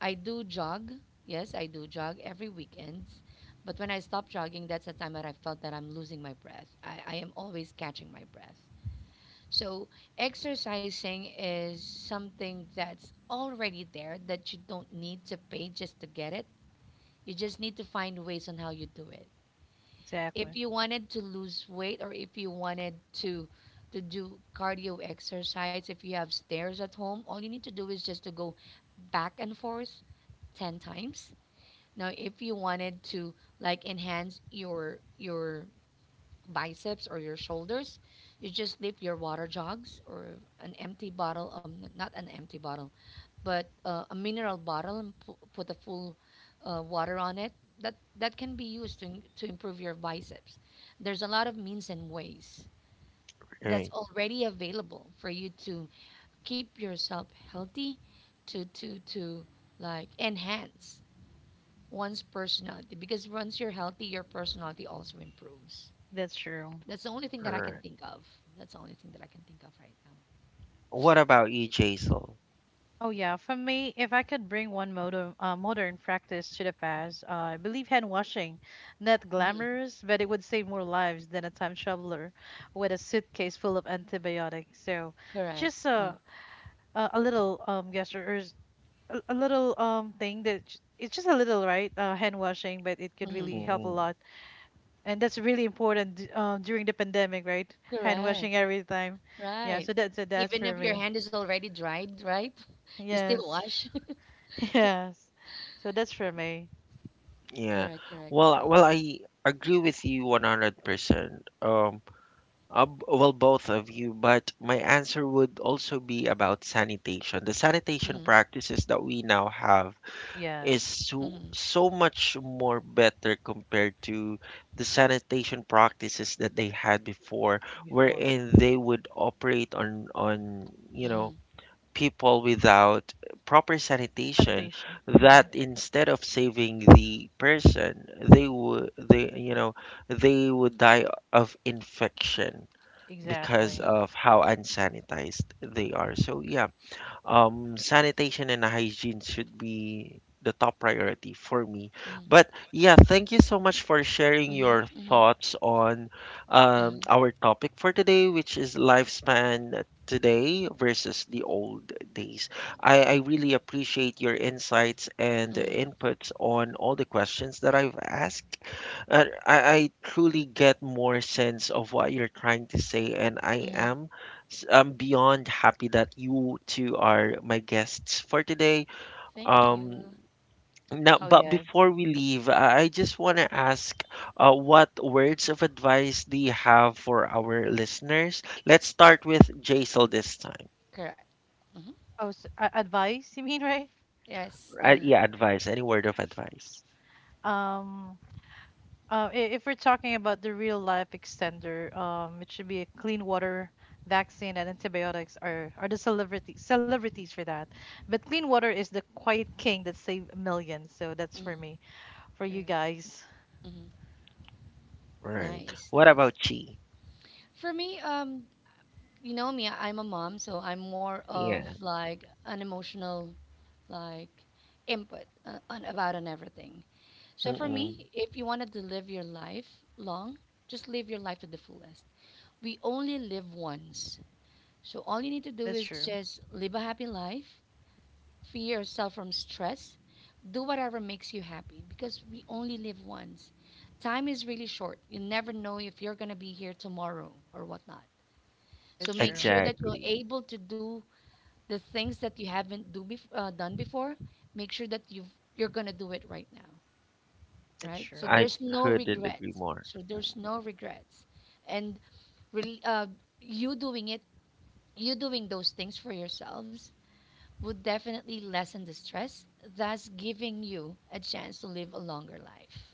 Speaker 2: I do jog. Yes, I do jog every weekends. But when I stop jogging, that's the time that I felt that I'm losing my breath. I am always catching my breath. So exercising is something that's already there that you don't need to pay just to get it. You just need to find ways on how you do it.
Speaker 3: Exactly.
Speaker 2: If you wanted to lose weight or if you wanted to to do cardio exercise, if you have stairs at home, all you need to do is just to go back and forth 10 times. Now, if you wanted to like enhance your biceps or your shoulders, you just leave your water jugs or an empty bottle, not an empty bottle, but a mineral bottle and put a full water on it. That can be used to to improve your biceps. There's a lot of means and ways that's
Speaker 1: right,
Speaker 2: already available for you to keep yourself healthy, to like enhance one's personality because once you're healthy, your personality also improves.
Speaker 3: That's true.
Speaker 2: That's the only thing that I can
Speaker 1: right.
Speaker 2: think of. That's the only thing that I can think of right now.
Speaker 1: What about you, Jaisal?
Speaker 3: Oh yeah, for me, if I could bring one modern modern practice to the past, I believe hand washing, not
Speaker 2: Mhm.
Speaker 3: glamorous, but it would save more lives than a time traveler with a suitcase full of antibiotics. So,
Speaker 2: Correct.
Speaker 3: just a little gesture or a little thing that it's just a little, right? Hand washing, but it could
Speaker 2: Mm-hmm.
Speaker 3: really help a
Speaker 1: Mm-mm.
Speaker 3: lot and that's really important during the pandemic, right? Hand
Speaker 2: Correct.
Speaker 3: washing every time. Yeah,
Speaker 2: Right.
Speaker 3: so that's
Speaker 2: Even
Speaker 3: for
Speaker 2: if your
Speaker 3: me.
Speaker 2: hand is already dried, right? You still
Speaker 3: Yes,
Speaker 2: wash.
Speaker 3: yes. So that's for me.
Speaker 1: Yeah.
Speaker 2: Correct. Correct.
Speaker 1: Well,
Speaker 2: Agree.
Speaker 1: well, I agree with you 100%. Well, both of you, but my answer would also be about sanitation. The sanitation
Speaker 2: Mhm.
Speaker 1: practices that we now have is
Speaker 3: Yes,
Speaker 1: so,
Speaker 2: Mhm.
Speaker 1: so much more better compared to the sanitation practices that they had before,
Speaker 3: before
Speaker 1: wherein they would operate on you
Speaker 2: Mhm.
Speaker 1: know, people without proper sanitation,
Speaker 3: sanitation. Hmm
Speaker 1: that instead of saving the person, they would, you know, they would die of infection because
Speaker 2: Mhm.
Speaker 3: Exactly.
Speaker 1: of how unsanitized they are. So yeah, sanitation and hygiene should be the top priority for me.
Speaker 2: Mhm.
Speaker 1: But yeah, thank you so much for sharing
Speaker 2: Mhm.
Speaker 1: your
Speaker 2: Mhm.
Speaker 1: thoughts on,
Speaker 2: Uh-huh.
Speaker 1: our topic for today, which is lifespan today versus the old days. I really appreciate your insights and
Speaker 2: Mhm.
Speaker 1: inputs on all the questions that I've asked. I truly get more sense of what you're trying to say, and I
Speaker 2: Mhm.
Speaker 1: am I'm beyond happy that you two are my guests for today.
Speaker 2: Thank
Speaker 1: Um,
Speaker 2: you.
Speaker 1: Now,
Speaker 3: Oh
Speaker 1: but
Speaker 3: yes.
Speaker 1: before we leave, I just want to ask, what words of advice do you have for our listeners? Let's start with Jaisal this time.
Speaker 2: Correct. Mhm.
Speaker 3: Oh, advice? You mean right?
Speaker 2: Yes. Mhm.
Speaker 1: Yeah, advice. Any word of advice?
Speaker 3: Um, uh, if we're talking about the real life extender, it should be a clean water vaccine and antibiotics are the celebrity celebrities for that. But clean water is the quiet king that saved millions. So that's
Speaker 2: Mhm.
Speaker 3: for me. For you
Speaker 2: Correct.
Speaker 3: guys,
Speaker 2: Mhm.
Speaker 1: Right.
Speaker 2: Nice.
Speaker 1: What
Speaker 2: Nice.
Speaker 1: about Chi?
Speaker 2: For me, you know me, I'm a mom, so I'm more of
Speaker 1: Yeah.
Speaker 2: like an emotional like input on about on everything. So for
Speaker 1: Mm-mm.
Speaker 2: me, if you wanted to live your life long, just live your life to the fullest. We only live once. So all you need to do
Speaker 3: that's
Speaker 2: is
Speaker 3: true.
Speaker 2: just live a happy life, free yourself from stress, do whatever makes you happy because we only live once. Time is really short. You never know if you're going to be here tomorrow or whatnot. So
Speaker 3: That's
Speaker 2: make
Speaker 3: true.
Speaker 2: sure that you're
Speaker 1: Exactly.
Speaker 2: able to do the things that you haven't do done before. Make sure that you you're gonna do it right now,
Speaker 3: That's
Speaker 2: right? So
Speaker 3: true.
Speaker 1: I
Speaker 2: there's no
Speaker 1: couldn't agree
Speaker 2: regrets,
Speaker 1: more.
Speaker 2: so
Speaker 1: Mm.
Speaker 2: there's no regrets. And really you doing it, you doing those things for yourselves would definitely lessen the stress, thus giving you a chance to live a longer life,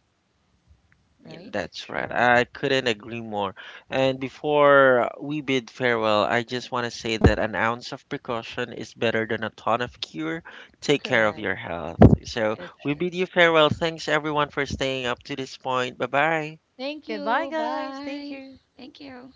Speaker 1: Yeah,
Speaker 2: right?
Speaker 3: That's
Speaker 1: that's right.
Speaker 3: true.
Speaker 1: I couldn't agree more. And before we bid farewell, I just want to say that an ounce of precaution is better than a ton of cure. Take care of
Speaker 2: Correct.
Speaker 1: your health. So
Speaker 2: Right,
Speaker 3: That's
Speaker 1: we
Speaker 2: right.
Speaker 3: true.
Speaker 1: bid you farewell. Thanks everyone for staying up to this point. Bye bye.
Speaker 2: Thank
Speaker 3: Okay, bye
Speaker 2: you,
Speaker 3: guys. Thank
Speaker 2: bye.
Speaker 3: you.
Speaker 2: Thank you.